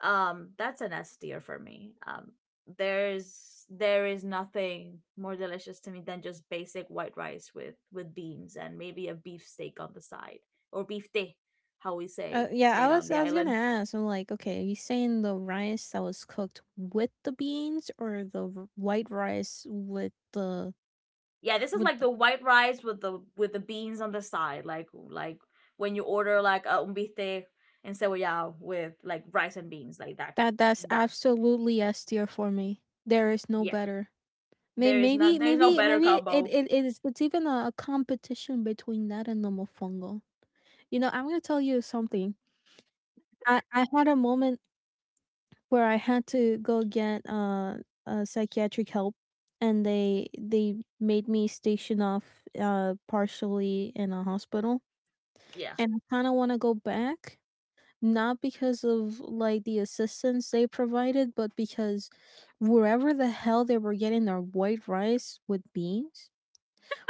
Speaker 1: That's an S tier for me. There is nothing more delicious to me than just basic white rice with beans and maybe a beef steak on the side or beef tea, how we say
Speaker 2: Yeah,
Speaker 1: it on the
Speaker 2: I was gonna
Speaker 1: island.
Speaker 2: ask. I'm like, okay, are you saying the rice that was cooked with the beans or the white rice with the
Speaker 1: Yeah, this is
Speaker 2: with
Speaker 1: like
Speaker 2: the,
Speaker 1: the white rice with the beans on the side, like when you order like a un bistec en cebollado with like rice and beans, like that.
Speaker 2: that that's
Speaker 1: That
Speaker 2: absolutely S tier for me. There is no
Speaker 1: yeah,
Speaker 2: better. May-
Speaker 1: there is not there's no better
Speaker 2: Maybe
Speaker 1: combo.
Speaker 2: it is it's even a competition between that and the mofongo. You know, I'm gonna tell you something. I had a moment where I had to go get psychiatric help, and they made me station off partially in a hospital,
Speaker 1: Yeah,
Speaker 2: and I kind of want to go back. Not because of like the assistance they provided, but because wherever the hell they were getting their white rice with beans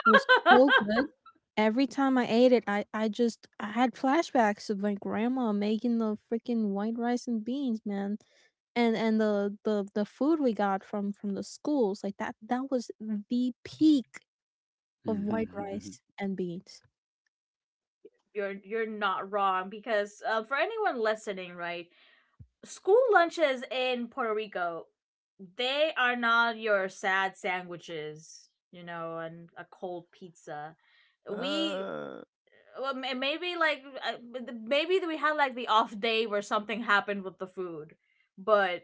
Speaker 2: was so good. Every time I ate it, I had flashbacks of my grandma making the freaking white rice and beans, man. And the food we got from the schools, like that that was the peak of white rice and beans.
Speaker 1: you're not wrong because for anyone listening, right, school lunches in Puerto Rico, they are not your sad sandwiches, you know, and a cold pizza. We
Speaker 3: uh,
Speaker 1: well, maybe like maybe we had like the off day where something happened with the food, but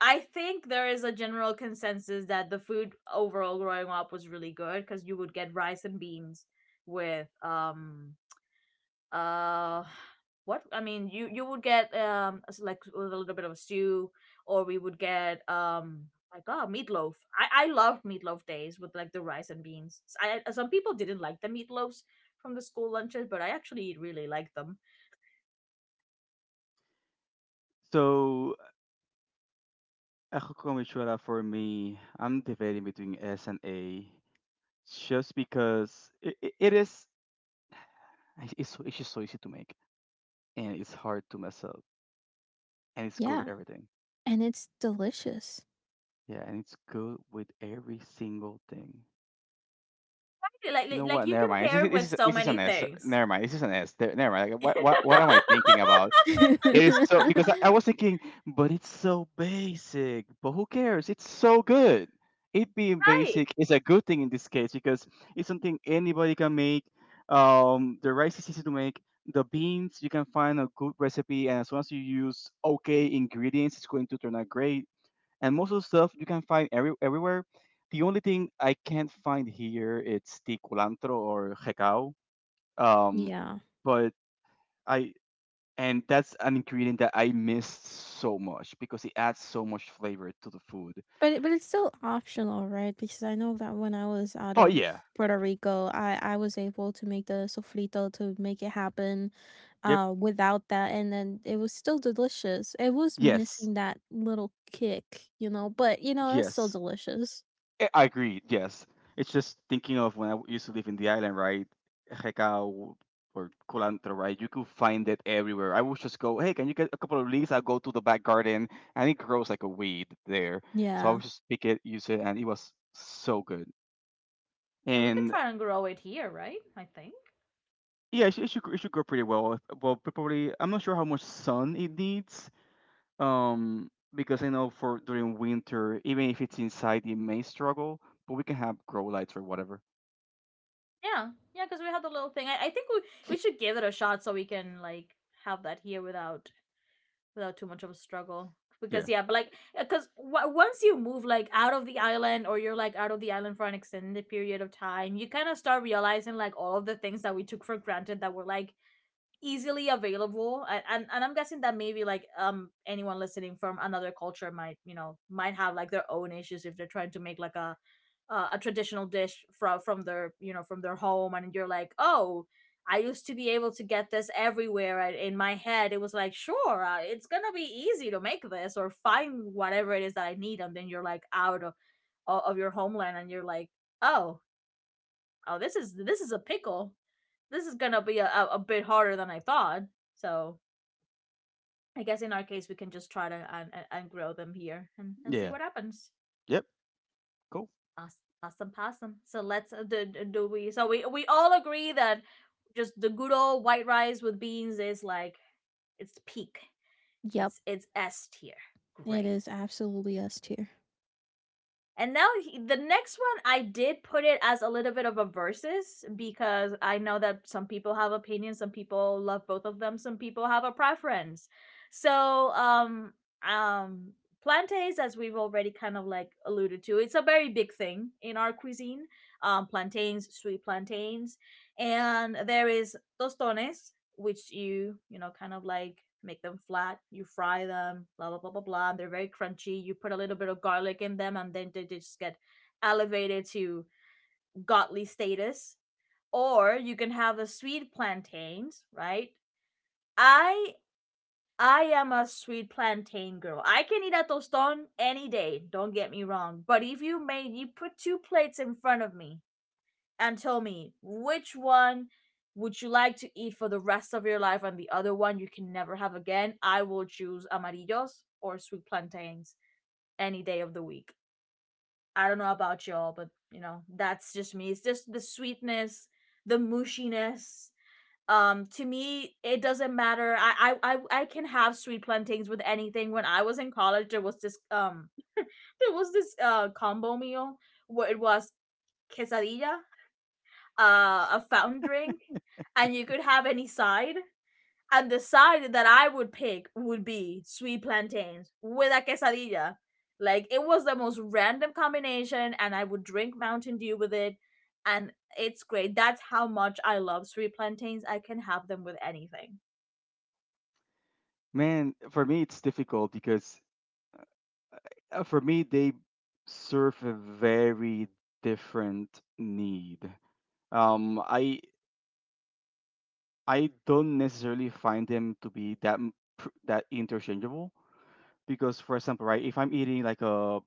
Speaker 1: I think there is a general consensus that the food overall growing up was really good because you would get rice and beans with uh what I mean you you would get like a little bit of a stew or we would get my god, meatloaf. I loved meatloaf days with like the rice and beans. Some people didn't like the meatloafs from the school lunches but I actually really liked them.
Speaker 3: so Ako kung itsura for me, I'm debating between S and A just because it, it, it is it's just so easy to make and it's hard to mess up and it's good with
Speaker 2: Yeah,
Speaker 3: everything.
Speaker 2: and it's delicious.
Speaker 3: Yeah, and it's good with every single thing.
Speaker 1: like
Speaker 3: You
Speaker 1: like,
Speaker 3: know
Speaker 1: like
Speaker 3: what?
Speaker 1: you
Speaker 3: Never
Speaker 1: can
Speaker 3: mind. This
Speaker 1: pair
Speaker 3: is
Speaker 1: it
Speaker 3: this
Speaker 1: with
Speaker 3: is,
Speaker 1: so
Speaker 3: this is
Speaker 1: many
Speaker 3: an S.
Speaker 1: things.
Speaker 3: Never mind. This is an S. There- Never mind. Like, what am
Speaker 1: I
Speaker 3: I thinking about? It is so because I was thinking, but it's so basic. But who cares? It's so good. It being basic is a good thing in this case because it's something anybody can make. The rice is easy to make. The beans, you can find a good recipe, and as long as you use okay ingredients, it's going to turn out great. And most of the stuff you can find everywhere. The only thing I can't find here it's the culantro or jecao. Um,
Speaker 2: Yeah.
Speaker 3: but I and that's an ingredient that I miss so much because it adds so much flavor to the food.
Speaker 2: But it, but it's still optional, right? Because I know that when I was out
Speaker 3: Oh
Speaker 2: of
Speaker 3: yeah.
Speaker 2: Puerto Rico, I was able to make the sofrito to make it happen,
Speaker 3: Yep.
Speaker 2: without that, and then it was still delicious. It was
Speaker 3: Yes.
Speaker 2: missing that little kick, you know, but you know it's still
Speaker 3: Yes.
Speaker 2: delicious.
Speaker 3: I agree. Yes. It's just thinking of when I used to live in the island, right? Recao or culantro, right? You could find it everywhere. I would just go, hey, can you get a couple of leaves? I'll go to the back garden, and it grows like a weed there. So I
Speaker 2: Yeah.
Speaker 3: would just pick it, use it, and it was so good.
Speaker 1: mean, we could
Speaker 3: And
Speaker 1: try and grow it here, right? I think.
Speaker 3: yeah, it should grow pretty well. Well, probably, I'm not sure how much sun it needs. Because I know for during winter, even if it's inside, it may struggle, but we can have grow lights or whatever.
Speaker 1: Yeah, yeah, because we have the little thing. I think we should give it a shot so we can like have that here without without too much of a struggle
Speaker 3: Yeah.
Speaker 1: because yeah but like because once you move like out of the island or you're like out of the island for an extended period of time you kind of start realizing like all of the things that we took for granted that were like easily available and I'm guessing that maybe like anyone listening from another culture might you know might have like their own issues if they're trying to make like a traditional dish from their you know from their home and you're like oh I used to be able to get this everywhere and in my head it was like sure it's gonna be easy to make this or find whatever it is that I need and then you're like of your homeland and you're like oh oh, this is a pickle. This is gonna be a, a bit harder than I thought. So I guess in our case, we can just try to grow them here and see
Speaker 3: Yeah.
Speaker 1: what happens.
Speaker 3: Yep. Cool.
Speaker 1: Awesome, awesome, awesome. So let's do, do we? So we all agree that just the good old white rice with beans is like it's peak.
Speaker 2: Yep.
Speaker 1: It's S tier.
Speaker 2: It
Speaker 1: Great.
Speaker 2: is absolutely S tier.
Speaker 1: And now he, the next one, I did put it as a little bit of a versus because I know that some people have opinions, some people love both of them, some people have a preference. So, um, plantains, as we've already kind of like alluded to, it's a very big thing in our cuisine. Plantains, sweet plantains, and there is tostones, which you know kind of like make them flat. You fry them, blah blah blah blah blah. And they're very crunchy. You put a little bit of garlic in them, and then they just get elevated to godly status. Or you can have the sweet plantains, right? I I am a sweet plantain girl. I can eat a tostón any day. Don't get me wrong. But if you made you put two plates in front of me and tell me which one would you like to eat for the rest of your life and the other one you can never have again, I will choose amarillos or sweet plantains any day of the week. I don't know about y'all, but you know, that's just me. It's just the sweetness, the mushiness. To me, it doesn't matter. I can have sweet plantains with anything. When I was in college, there was this there was this combo meal where it was quesadilla, uh, a fountain
Speaker 3: Yeah.
Speaker 1: drink, and you could have any side. And the side that I would pick would be sweet plantains with a quesadilla. Like it was the most random combination, and I would drink Mountain Dew with it, and it's great. That's how much I love sweet plantains. I can have them with anything.
Speaker 3: Man, for me it's difficult because for me they serve a very different need. Um, I I don't necessarily find them to be that interchangeable because, for example, right, if I'm eating like a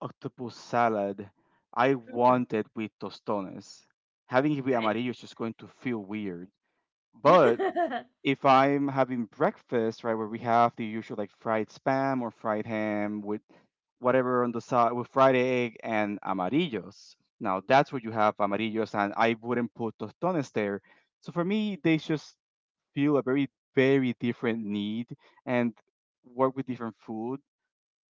Speaker 3: octopus salad, I
Speaker 1: Mhm.
Speaker 3: want it with tostones. Having it with
Speaker 1: Okay.
Speaker 3: amarillo is just going to feel weird. But if I'm having breakfast, right, where we have the usual like fried spam or fried ham with whatever on the side with fried egg and amarillos. Now that's where you have amarillos, and I wouldn't put tostones there. So for me, they just feel a very different need and work with different food.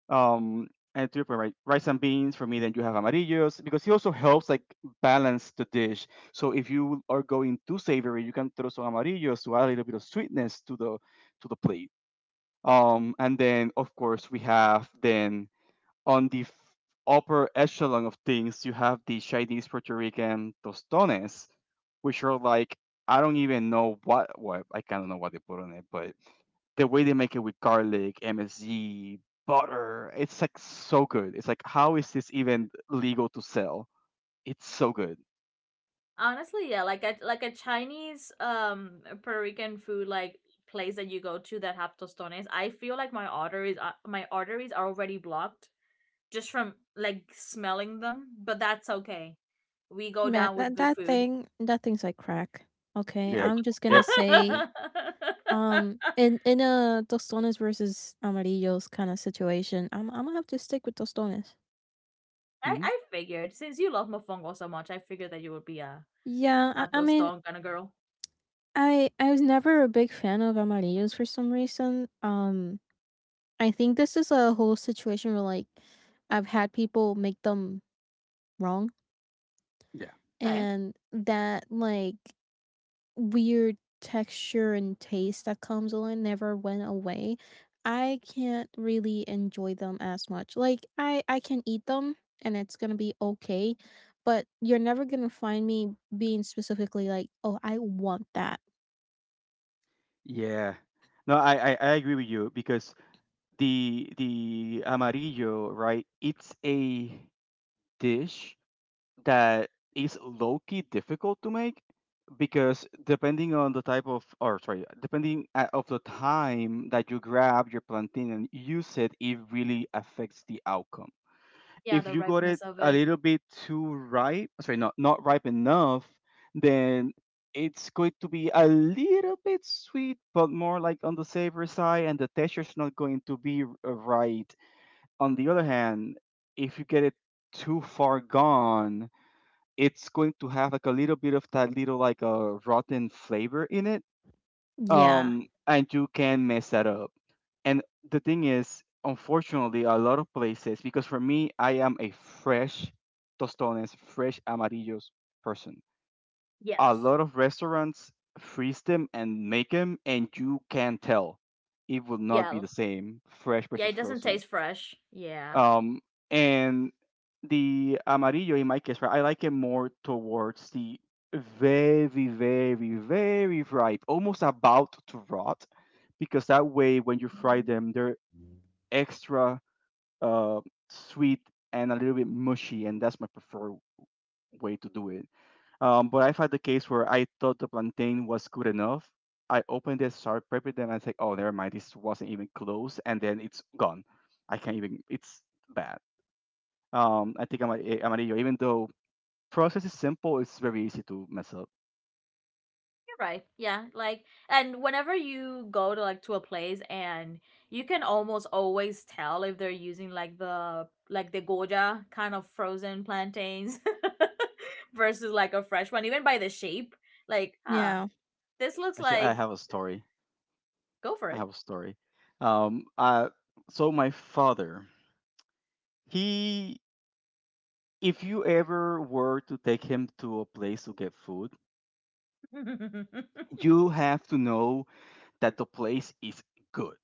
Speaker 3: Um, and to your point, right, rice and beans for me. Then you have amarillos because he also helps like balance the dish. So if you are going too savory, you can throw some amarillos to add a little bit of sweetness to the plate. And then of course we have then on the upper echelon of things, you have the Chinese Puerto Rican tostones, which are like I don't even know what I kind of know what they put on it, but the way they make it with garlic, MSG, butter, it's like so good. It's like, how is this even legal to sell? It's so good.
Speaker 1: Honestly, yeah, like a Chinese Puerto Rican food like place that you go to that have tostones. I feel like my arteries are already blocked just from like smelling them, but that's okay. We go
Speaker 2: Man,
Speaker 1: down with
Speaker 2: that
Speaker 1: good
Speaker 2: that
Speaker 1: food.
Speaker 2: thing, that thing's like crack. Okay,
Speaker 3: Yeah.
Speaker 2: I'm just gonna
Speaker 3: Yep.
Speaker 2: say,
Speaker 1: I
Speaker 2: In a tostones versus amarillos kind of situation, I'm gonna have to stick with tostones.
Speaker 3: Hmm.
Speaker 1: I figured since you love mofongo so much, I figured that you would be
Speaker 2: Yeah,
Speaker 1: a
Speaker 2: I mean,
Speaker 1: tostón kind of girl.
Speaker 2: I was never a big fan of amarillos for some reason. I think this is a whole situation where like I've had people make them wrong,
Speaker 3: Yeah.
Speaker 1: Okay.
Speaker 2: and that like weird texture and taste that comes along never went away. I can't really enjoy them as much. Like, I can eat them and it's going to be okay, but you're never going to find me being specifically like, "Oh, I want that."
Speaker 3: Yeah. No, I agree with you because the amarillo, right, it's a dish that is low key difficult to make because depending on the type of, or sorry, depending of the time that you grab your plantain and use it, it really affects the outcome.
Speaker 1: Yeah,
Speaker 3: If
Speaker 1: the
Speaker 3: you got it
Speaker 1: ripeness of
Speaker 3: a
Speaker 1: it.
Speaker 3: little bit too ripe, sorry, not ripe enough, then it's going to be a little bit sweet but more like on the savory side, and the texture's not going to be right. On the other hand, if you get it too far gone, it's going to have like a little bit of that, little like a rotten flavor in it.
Speaker 2: Yeah.
Speaker 3: And you can mess that up. And the thing is, unfortunately, a lot of places, because for me, I am a fresh tostones, fresh amarillos person. A
Speaker 1: Yes.
Speaker 3: lot of restaurants freeze them and make them, and you can tell it will not
Speaker 1: Yeah.
Speaker 3: be the same fresh
Speaker 1: Yeah,
Speaker 3: versus
Speaker 1: it doesn't
Speaker 3: frozen.
Speaker 1: taste fresh. Yeah.
Speaker 3: um, and the Amarillo, in my case, right, I like it more towards the very, very, very ripe, almost about to rot, because that way when you fry them, they're extra uh, sweet and a little bit mushy, and that's my preferred way to do it. But I've had the case where I thought the plantain was good enough. I opened it, started prepping them, and I said, "Oh, never mind, this wasn't even close," and then it's gone. I can't even. It's bad. I think I'm a, amarillo. Even though process is simple, it's very easy to mess up.
Speaker 1: Right. Yeah. Like, and whenever you go to like to a place, and you can almost always tell if they're using like the goja kind of frozen plantains versus like a fresh one, even by the shape. Like, huh,
Speaker 2: Yeah.
Speaker 1: this looks
Speaker 3: Actually, I
Speaker 1: like
Speaker 3: have a story.
Speaker 1: go for
Speaker 3: I
Speaker 1: it.
Speaker 3: have a story. Um, uh, so my father, he, if you ever were to take him to a place to get food,
Speaker 1: you,
Speaker 3: you have to know that the place is good.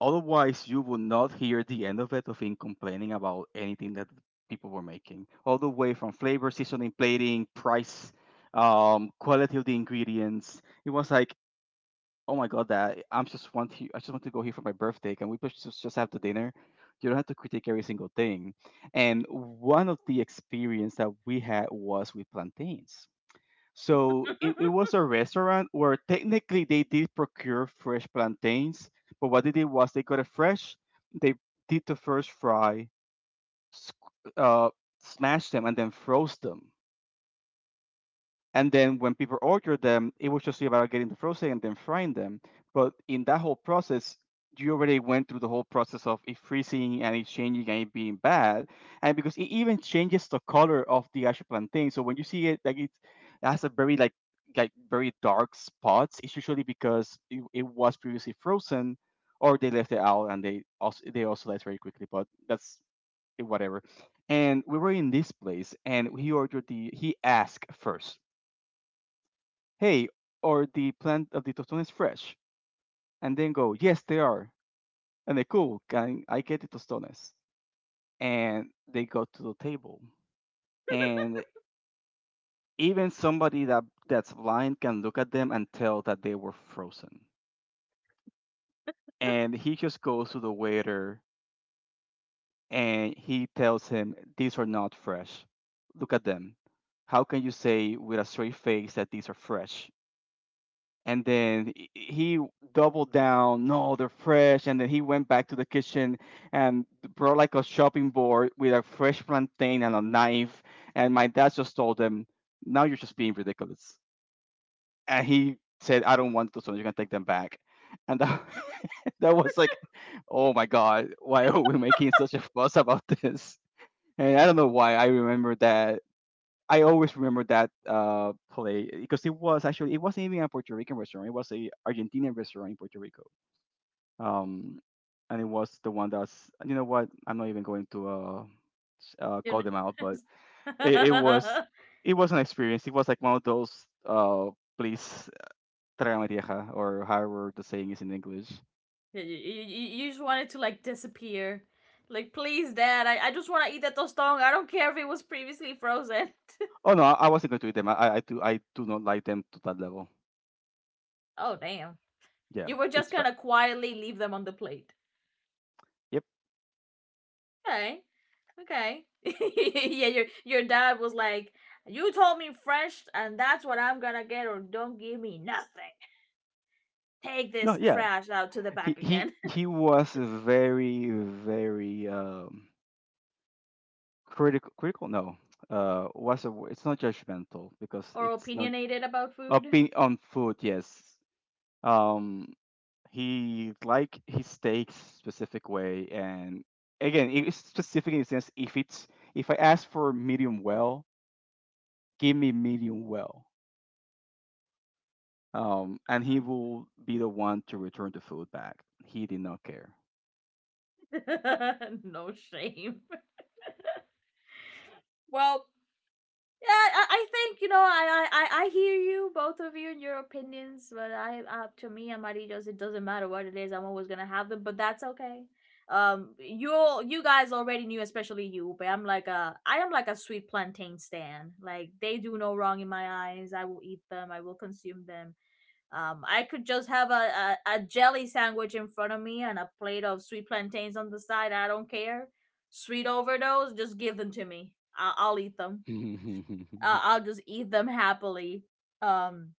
Speaker 3: Otherwise, you will not hear the end of it, of him complaining about anything that people were making, all the way from flavor, seasoning, plating, price, quality of the ingredients. It was like, oh my god, that I just want to go here for my birthday. Can we please just have the dinner? You don't have to critique every single thing. And one of the experience that we had was with plantains. So it was a restaurant where technically they did procure fresh plantains, but what they did was they got it fresh, they did the first fry, sc- uh, smashed them, and then froze them. And then when people ordered them, it was just about getting the frozen and then frying them. But in that whole process, you already went through the whole process of it freezing and it changing and it being bad. And because it even changes the color of the actual plantain. So when you see it, it has a very like very dark spots, it's usually because it was previously frozen, or they left it out, and they also left very quickly. But that's whatever. And we were in this place, and he ordered the, he asked first, hey, or the plant of the tostones fresh? And then go, yes, they are. And they, cool, can I get the tostones? And they go to the table. And even somebody that that's blind can look at them and tell that they were frozen. And he just goes to the waiter and he tells him, these are not fresh. Look at them. How can you say with a straight face that these are fresh? And then he doubled down, no, they're fresh. And then he went back to the kitchen and brought like a shopping board with a fresh plantain and a knife, and my dad just told him, now you're just being ridiculous. And he said, I don't want those ones, you're gonna take them back. And that, that was like, oh my god, why are we making such a fuss about this? And I don't know why I remember that. I always remember that play, because it was actually, it wasn't even a Puerto Rican restaurant. It was a Argentinian restaurant in Puerto Rico, um, and it was the one that's, you know what, I'm not even going to call
Speaker 1: kn-
Speaker 3: them out, but it was, it was an experience. It was like one of those, uh, please, trágame tierra, or however the saying is in English.
Speaker 1: you just want it to like disappear. Like, please, Dad, I just want to eat that tostong. I don't care if it was previously frozen.
Speaker 3: Oh no, I wasn't going to eat them. I do not like them to that level.
Speaker 1: Oh, damn.
Speaker 3: Yeah,
Speaker 1: You were
Speaker 3: it's
Speaker 1: just
Speaker 3: fine.
Speaker 1: gonna quietly leave them on the plate.
Speaker 3: Yep.
Speaker 1: Okay, okay. Yeah, your dad was like, "You told me fresh, and that's what I'm gonna get, or don't give me nothing. Take
Speaker 3: No,
Speaker 1: this
Speaker 3: yeah.
Speaker 1: trash out to the
Speaker 3: he
Speaker 1: back
Speaker 3: he
Speaker 1: again."
Speaker 3: he was very very critical, critical, no, uh, what's the word? It's not judgmental, because
Speaker 1: Or
Speaker 3: it's not,
Speaker 1: opinionated about food.
Speaker 3: opinion on food, yes. um he like his steaks specific way, and again, it's specific in the sense if it's, if I ask for medium well, give me medium well. And he will be the one to return the food back. He did not care.
Speaker 1: No shame. Well, yeah, I think you know I hear you, both of you, and your opinions. But I, to me, amarillos. It doesn't matter what it is. I'm always gonna have them, but that's okay. You all you guys already knew, especially you. But I'm like a I am like a sweet plantain stand. Like they do no wrong in my eyes. I will eat them. I will consume them. I could just have a, a jelly sandwich in front of me and a plate of sweet plantains on the side. I don't care. Sweet overdose, just give them to me. I'll eat them. I'll just eat them happily. Um,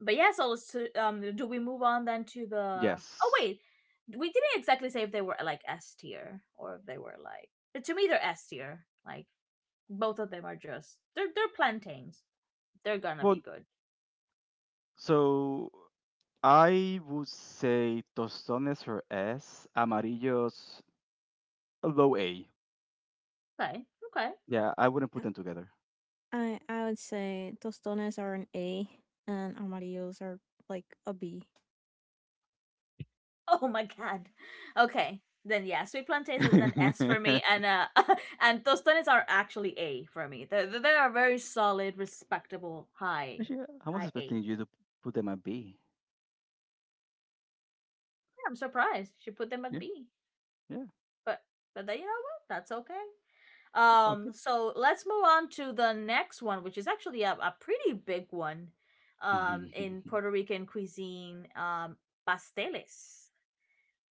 Speaker 1: but yeah, so let's do we move on then to the? Oh
Speaker 3: Yes,
Speaker 1: wait, we didn't exactly say if they were like S tier or if they were like. But to me, they're S tier. Like both of them are just they're plantains. They're gonna be
Speaker 3: well,
Speaker 1: good.
Speaker 3: so I would say tostones for S, amarillos low A.
Speaker 1: Okay, okay.
Speaker 3: Yeah, I wouldn't put
Speaker 2: I
Speaker 3: them together.
Speaker 2: I would say tostones are an A and amarillos are like a B.
Speaker 1: Oh my god. Okay, then yeah, sweet plantains is an S for
Speaker 3: Yeah,
Speaker 1: me, and and tostones are actually A for me. They are very solid, respectable, high
Speaker 3: actually, I was
Speaker 1: high A.
Speaker 3: expecting you to put them at B.
Speaker 1: I'm surprised she put them at
Speaker 3: Yeah.
Speaker 1: B.
Speaker 3: Yeah.
Speaker 1: But but you know what? That's okay.
Speaker 3: Okay.
Speaker 1: So let's move on to the next one, which is actually a pretty big one in Puerto Rican cuisine, pasteles.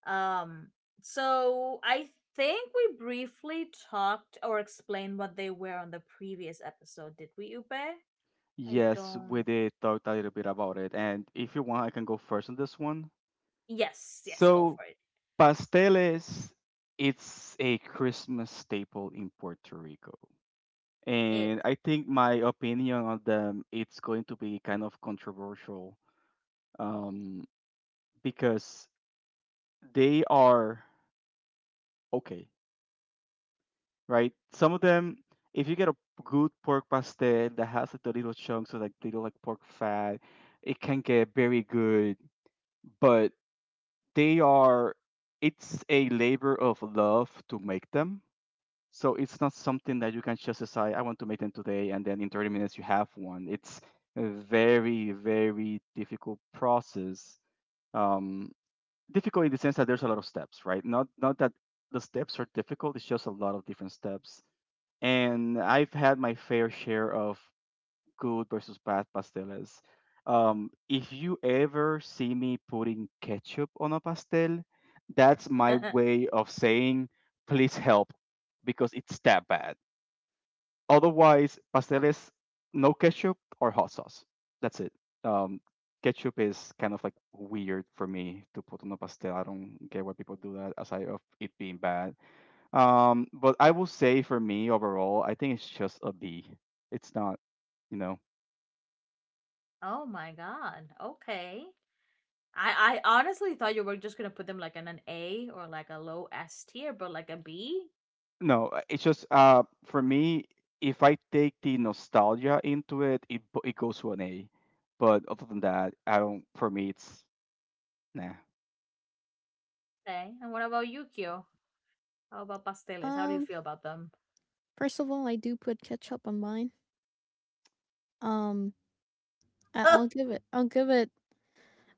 Speaker 1: Um, I think we briefly talked or explained what they were on the previous episode, did we, Upe? I
Speaker 3: Yes, we
Speaker 1: don't
Speaker 3: did talk a little bit about it. And if you want, I can go first on this one.
Speaker 1: Yes, yes, go
Speaker 3: So,
Speaker 1: for it.
Speaker 3: pasteles, it's a Christmas staple in Puerto Rico. And I think my opinion on them, it's going to be kind of controversial, um, because they are okay, right? Some of them, if you get a good pork pastel that has like the little chunks of like little like pork fat, it can get very good, but they are, it's a labor of love to make them. So it's not something that you can just decide, I want to make them today, and then in 30 minutes you have one. It's a very, very difficult process. Um, difficult in the sense that there's a lot of steps, right? Not that the steps are difficult, it's just a lot of different steps. And I've had my fair share of good versus bad pasteles. If you ever see me putting ketchup on a pastel, that's my
Speaker 1: Yeah.
Speaker 3: way of saying, please help, because it's that bad. Otherwise, pasteles, no ketchup or hot sauce. That's it. Um, ketchup is kind of like weird for me to put on a pastel. I don't get why people do that aside of it being bad. But I will say, for me overall, I think it's just a B. It's not, you know,
Speaker 1: Oh my god. Okay. I honestly thought you were just gonna put them like in an A or like a low S tier, but like a B.
Speaker 3: no. Uh, it's just, for me, if I take the nostalgia into it, it it goes to an A. But other than that, I don't. For me, it's nah.
Speaker 1: Okay. And what about Yukio? How about pasteles? How do you
Speaker 2: Um,
Speaker 1: feel about them?
Speaker 2: First of all, I do put ketchup on mine. Um, I'll give it. I'll give it,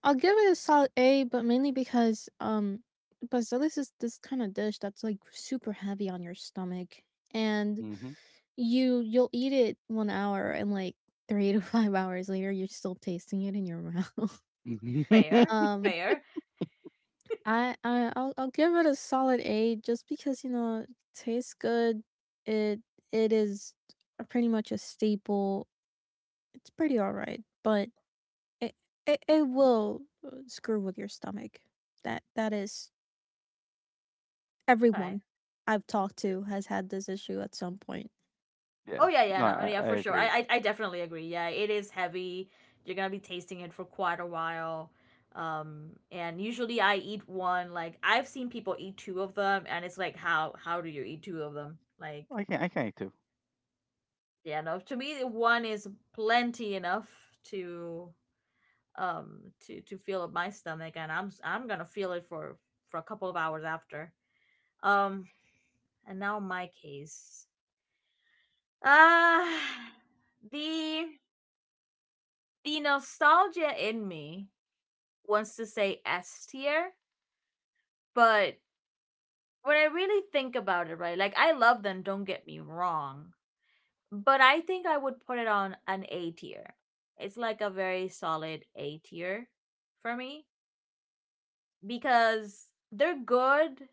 Speaker 2: I'll give it a solid A, but mainly because Bazilis is this kind of dish that's like super heavy on your stomach and
Speaker 3: Hmm.
Speaker 2: you you'll eat it one hour and like three to 5 hours later you're still tasting it in your mouth.
Speaker 1: Fair,
Speaker 2: Um
Speaker 1: fair.
Speaker 2: I, I'll give it a solid A just because you know it tastes good. It it is Pretty much a staple. It's pretty all right, but it it will screw with your stomach. That that is, everyone
Speaker 1: Okay.
Speaker 2: I've talked to has had this issue at some point.
Speaker 3: Yeah.
Speaker 1: Oh, yeah, yeah,
Speaker 3: No,
Speaker 1: no,
Speaker 3: I,
Speaker 1: yeah,
Speaker 3: I
Speaker 1: for sure. I,
Speaker 3: agree.
Speaker 1: I I definitely agree. Yeah, it is heavy. You're gonna be tasting it for quite a while. And usually I eat one. Like, I've seen people eat two of them, and it's like, how do you eat two of them? Like,
Speaker 3: I can, I can too.
Speaker 1: yeah, no. To me, one is plenty enough to feel up my stomach, and I'm gonna feel it for a couple of hours after. um and now my case, ah the the nostalgia in me wants to say S tier. But when I really think about it, right, like, I love them, don't get me wrong, but I think I would put it on an A tier. It's like a very solid A tier for me because they're good.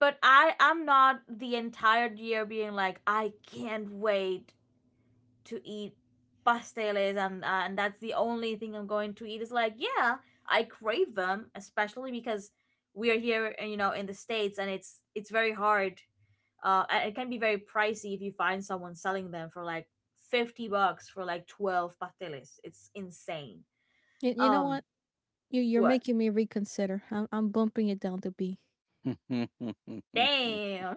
Speaker 1: But I'm not the entire year being like, I can't wait to eat pasteles. And that's the only thing I'm going to eat. It's like, yeah, I crave them, especially because we are here, in the states, and it's very hard. And it can be very pricey if you find someone selling them for like $50 for like 12 pasteles. It's insane.
Speaker 2: You know
Speaker 1: Um,
Speaker 2: what? You you're
Speaker 1: what?
Speaker 2: making me reconsider. I'm bumping it down to B.
Speaker 1: Damn.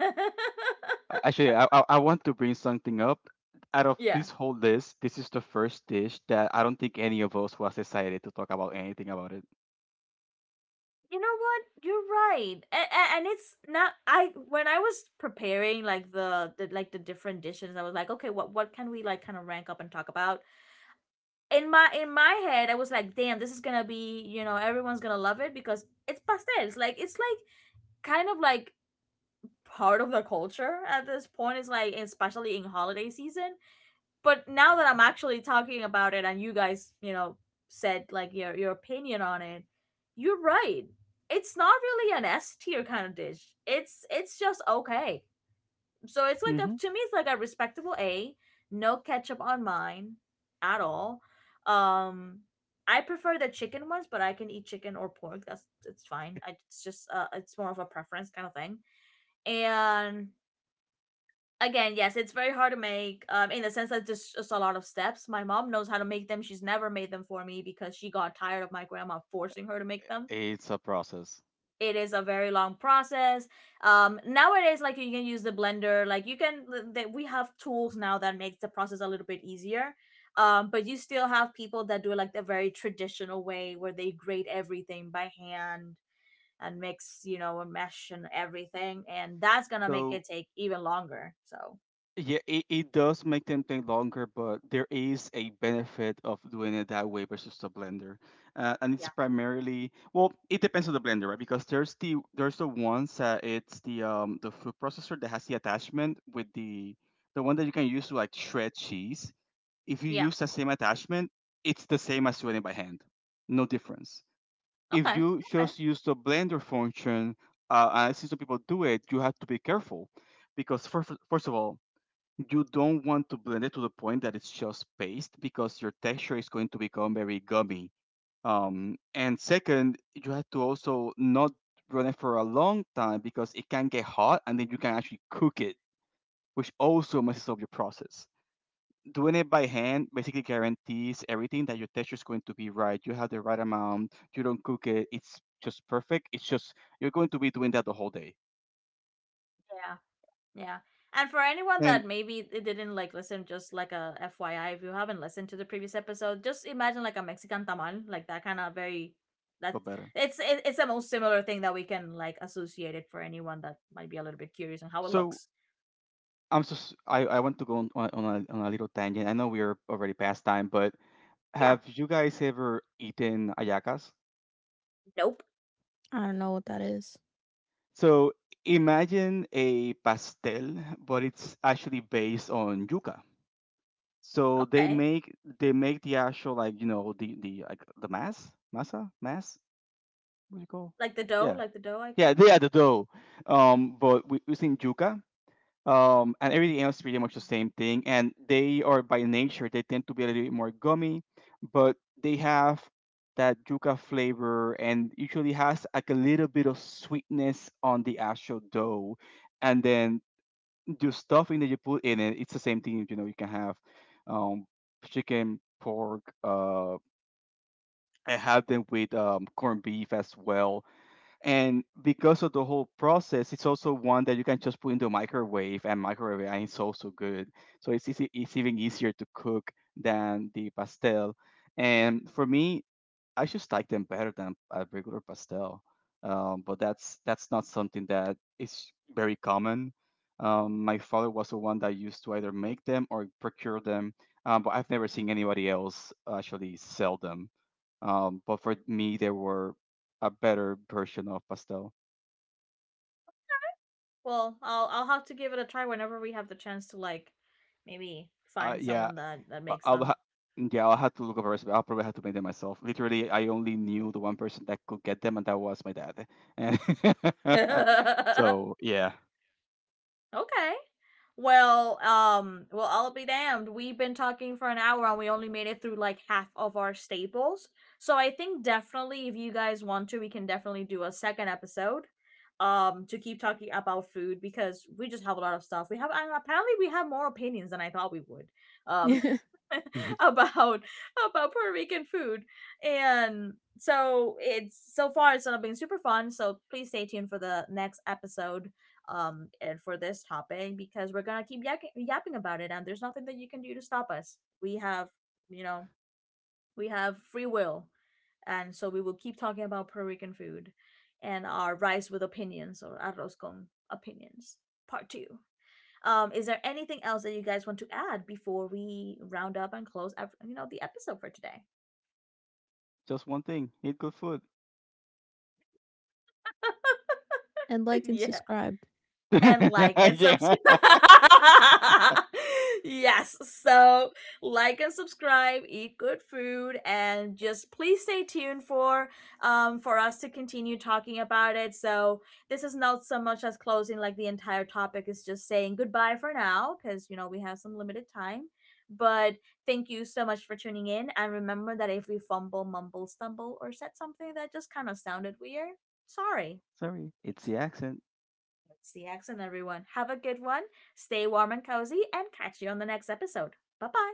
Speaker 3: A- Actually, I want to bring something up. Out of
Speaker 1: Yeah.
Speaker 3: this whole list, this is the first dish that I don't think any of us was excited to talk about anything about it.
Speaker 1: You know what, you're right. And it's not, I when I was preparing like the like the different dishes, I was like, okay, what can we like kind of rank up and talk about. In my head, I was like, damn, this is gonna be, everyone's gonna love it because it's pastels, like it's like kind of like part of the culture at this point. It's like, especially in holiday season. But now that I'm actually talking about it and you guys, said like your opinion on it, you're right. It's not really an S tier kind of dish. It's just okay. So it's like, a
Speaker 3: Hmm.
Speaker 1: to me it's like a respectable A. No ketchup on mine at all. Um I prefer the chicken ones, but I can eat chicken or pork. That's It's fine. It's just it's more of a preference kind of thing. And again, yes, it's very hard to make. In the sense that there's just a lot of steps. My mom knows how to make them. She's never made them for me because she got tired of my grandma forcing her to make them.
Speaker 3: It's a process.
Speaker 1: It is a very long process. Nowadays, like, you can use the blender. Like you can, that We have tools now that makes the process a little bit easier. But you still have people that do it like the very traditional way where they grate everything by hand and mix, and mesh and everything, and that's gonna make it
Speaker 3: So
Speaker 1: take even longer. So
Speaker 3: yeah, it does make them take longer, but there is a benefit of doing it that way versus the blender. And it's
Speaker 1: yeah,
Speaker 3: primarily, well, it depends on the blender, right? Because there's the ones that it's the food processor that has the attachment with the one that you can use to like shred cheese. If you
Speaker 1: yeah.
Speaker 3: use the same attachment, it's the same as doing it by hand. No difference. If
Speaker 1: Okay.
Speaker 3: you
Speaker 1: Okay.
Speaker 3: just use the blender function, and I see some people do it, you have to be careful because first of all, you don't want to blend it to the point that it's just paste, because your texture is going to become very gummy. And second, you have to also not run it for a long time, because it can get hot and then you can actually cook it, which also messes up your process. Doing it by hand basically guarantees everything, that your texture is going to be right. You have the right amount. You don't cook it. It's just perfect. It's just, you're going to be doing that the whole day.
Speaker 1: Yeah. Yeah. And for anyone
Speaker 3: And
Speaker 1: that maybe they didn't like listen, just like a FYI, if you haven't listened to the previous episode, just imagine like a Mexican tamal, like that kind of very. That's
Speaker 3: but better.
Speaker 1: it's the most similar thing that we can like associate it for anyone that might be a little bit curious on how it
Speaker 3: So
Speaker 1: looks.
Speaker 3: I want to go on a, on a little tangent. I know we are already past time, but
Speaker 1: Yeah.
Speaker 3: have you guys ever eaten ayacas?
Speaker 1: Nope.
Speaker 2: I don't know what that is.
Speaker 3: So imagine a pastel, but it's actually based on yuca. So
Speaker 1: Okay.
Speaker 3: they make the actual, like, you know, the like the mass, masa, mass, what do you call?
Speaker 1: Like the dough,
Speaker 3: Yeah,
Speaker 1: like the dough, I
Speaker 3: yeah,
Speaker 1: think.
Speaker 3: they are the dough. But we using yuca, and everything else is pretty much the same thing. And they are by nature, they tend to be a little bit more gummy, but they have that yuca flavor, and usually has like a little bit of sweetness on the actual dough. And then the stuffing that you put in it, it's the same thing. You know, you can have um, chicken, pork. I have them with corned beef as well. And because of the whole process, it's also one that you can just put in the microwave and microwave, and it's also good. So it's easy, it's even easier to cook than the pastel. And for me, I just like them better than a regular pastel. But that's not something that is very common. My father was the one that used to either make them or procure them, but I've never seen anybody else actually sell them. But for me, they were a better version of pastel.
Speaker 1: Well, I'll have to give it a try whenever we have the chance to like maybe find
Speaker 3: Yeah,
Speaker 1: someone that
Speaker 3: I-
Speaker 1: makes
Speaker 3: I'll
Speaker 1: them.
Speaker 3: ha- yeah, I'll have to look up a recipe. I'll probably have to make them myself. Literally, I only knew the one person that could get them, and that was my dad. And so yeah.
Speaker 1: Okay. Well, well, I'll be damned. We've been talking for an hour, and we only made it through like half of our staples. So I think definitely if you guys want to, we can definitely do a second episode to keep talking about food because we just have a lot of stuff. We have, and apparently we have more opinions than I thought we would. Um
Speaker 2: And
Speaker 1: about about Puerto Rican food. And so it's So far it's gonna be super fun. So please stay tuned for the next episode and for this topic because we're gonna keep yapping about it, and there's nothing that you can do to stop us. We have, you know we have free will, and so we will keep talking about Puerto Rican food and our rice with opinions, or arroz con opinions, part two. Is there anything else that you guys want to add before we round up and close, the episode for today?
Speaker 3: Just one thing. Eat good food.
Speaker 2: like and
Speaker 1: Yeah.
Speaker 2: subscribe.
Speaker 1: And like and
Speaker 3: Yeah.
Speaker 1: subscribe. Yes. So like and subscribe, eat good food, and just please stay tuned for us to continue talking about it. So this is not so much as closing like the entire topic, is just saying goodbye for now because, we have some limited time. But thank you so much for tuning in. And remember that if we fumble, mumble, stumble, or said something that just kind of sounded weird, sorry.
Speaker 3: Sorry. It's the accent.
Speaker 1: It's the accent, everyone. Have a good one. Stay warm and cozy, and catch you on the next episode. Bye bye.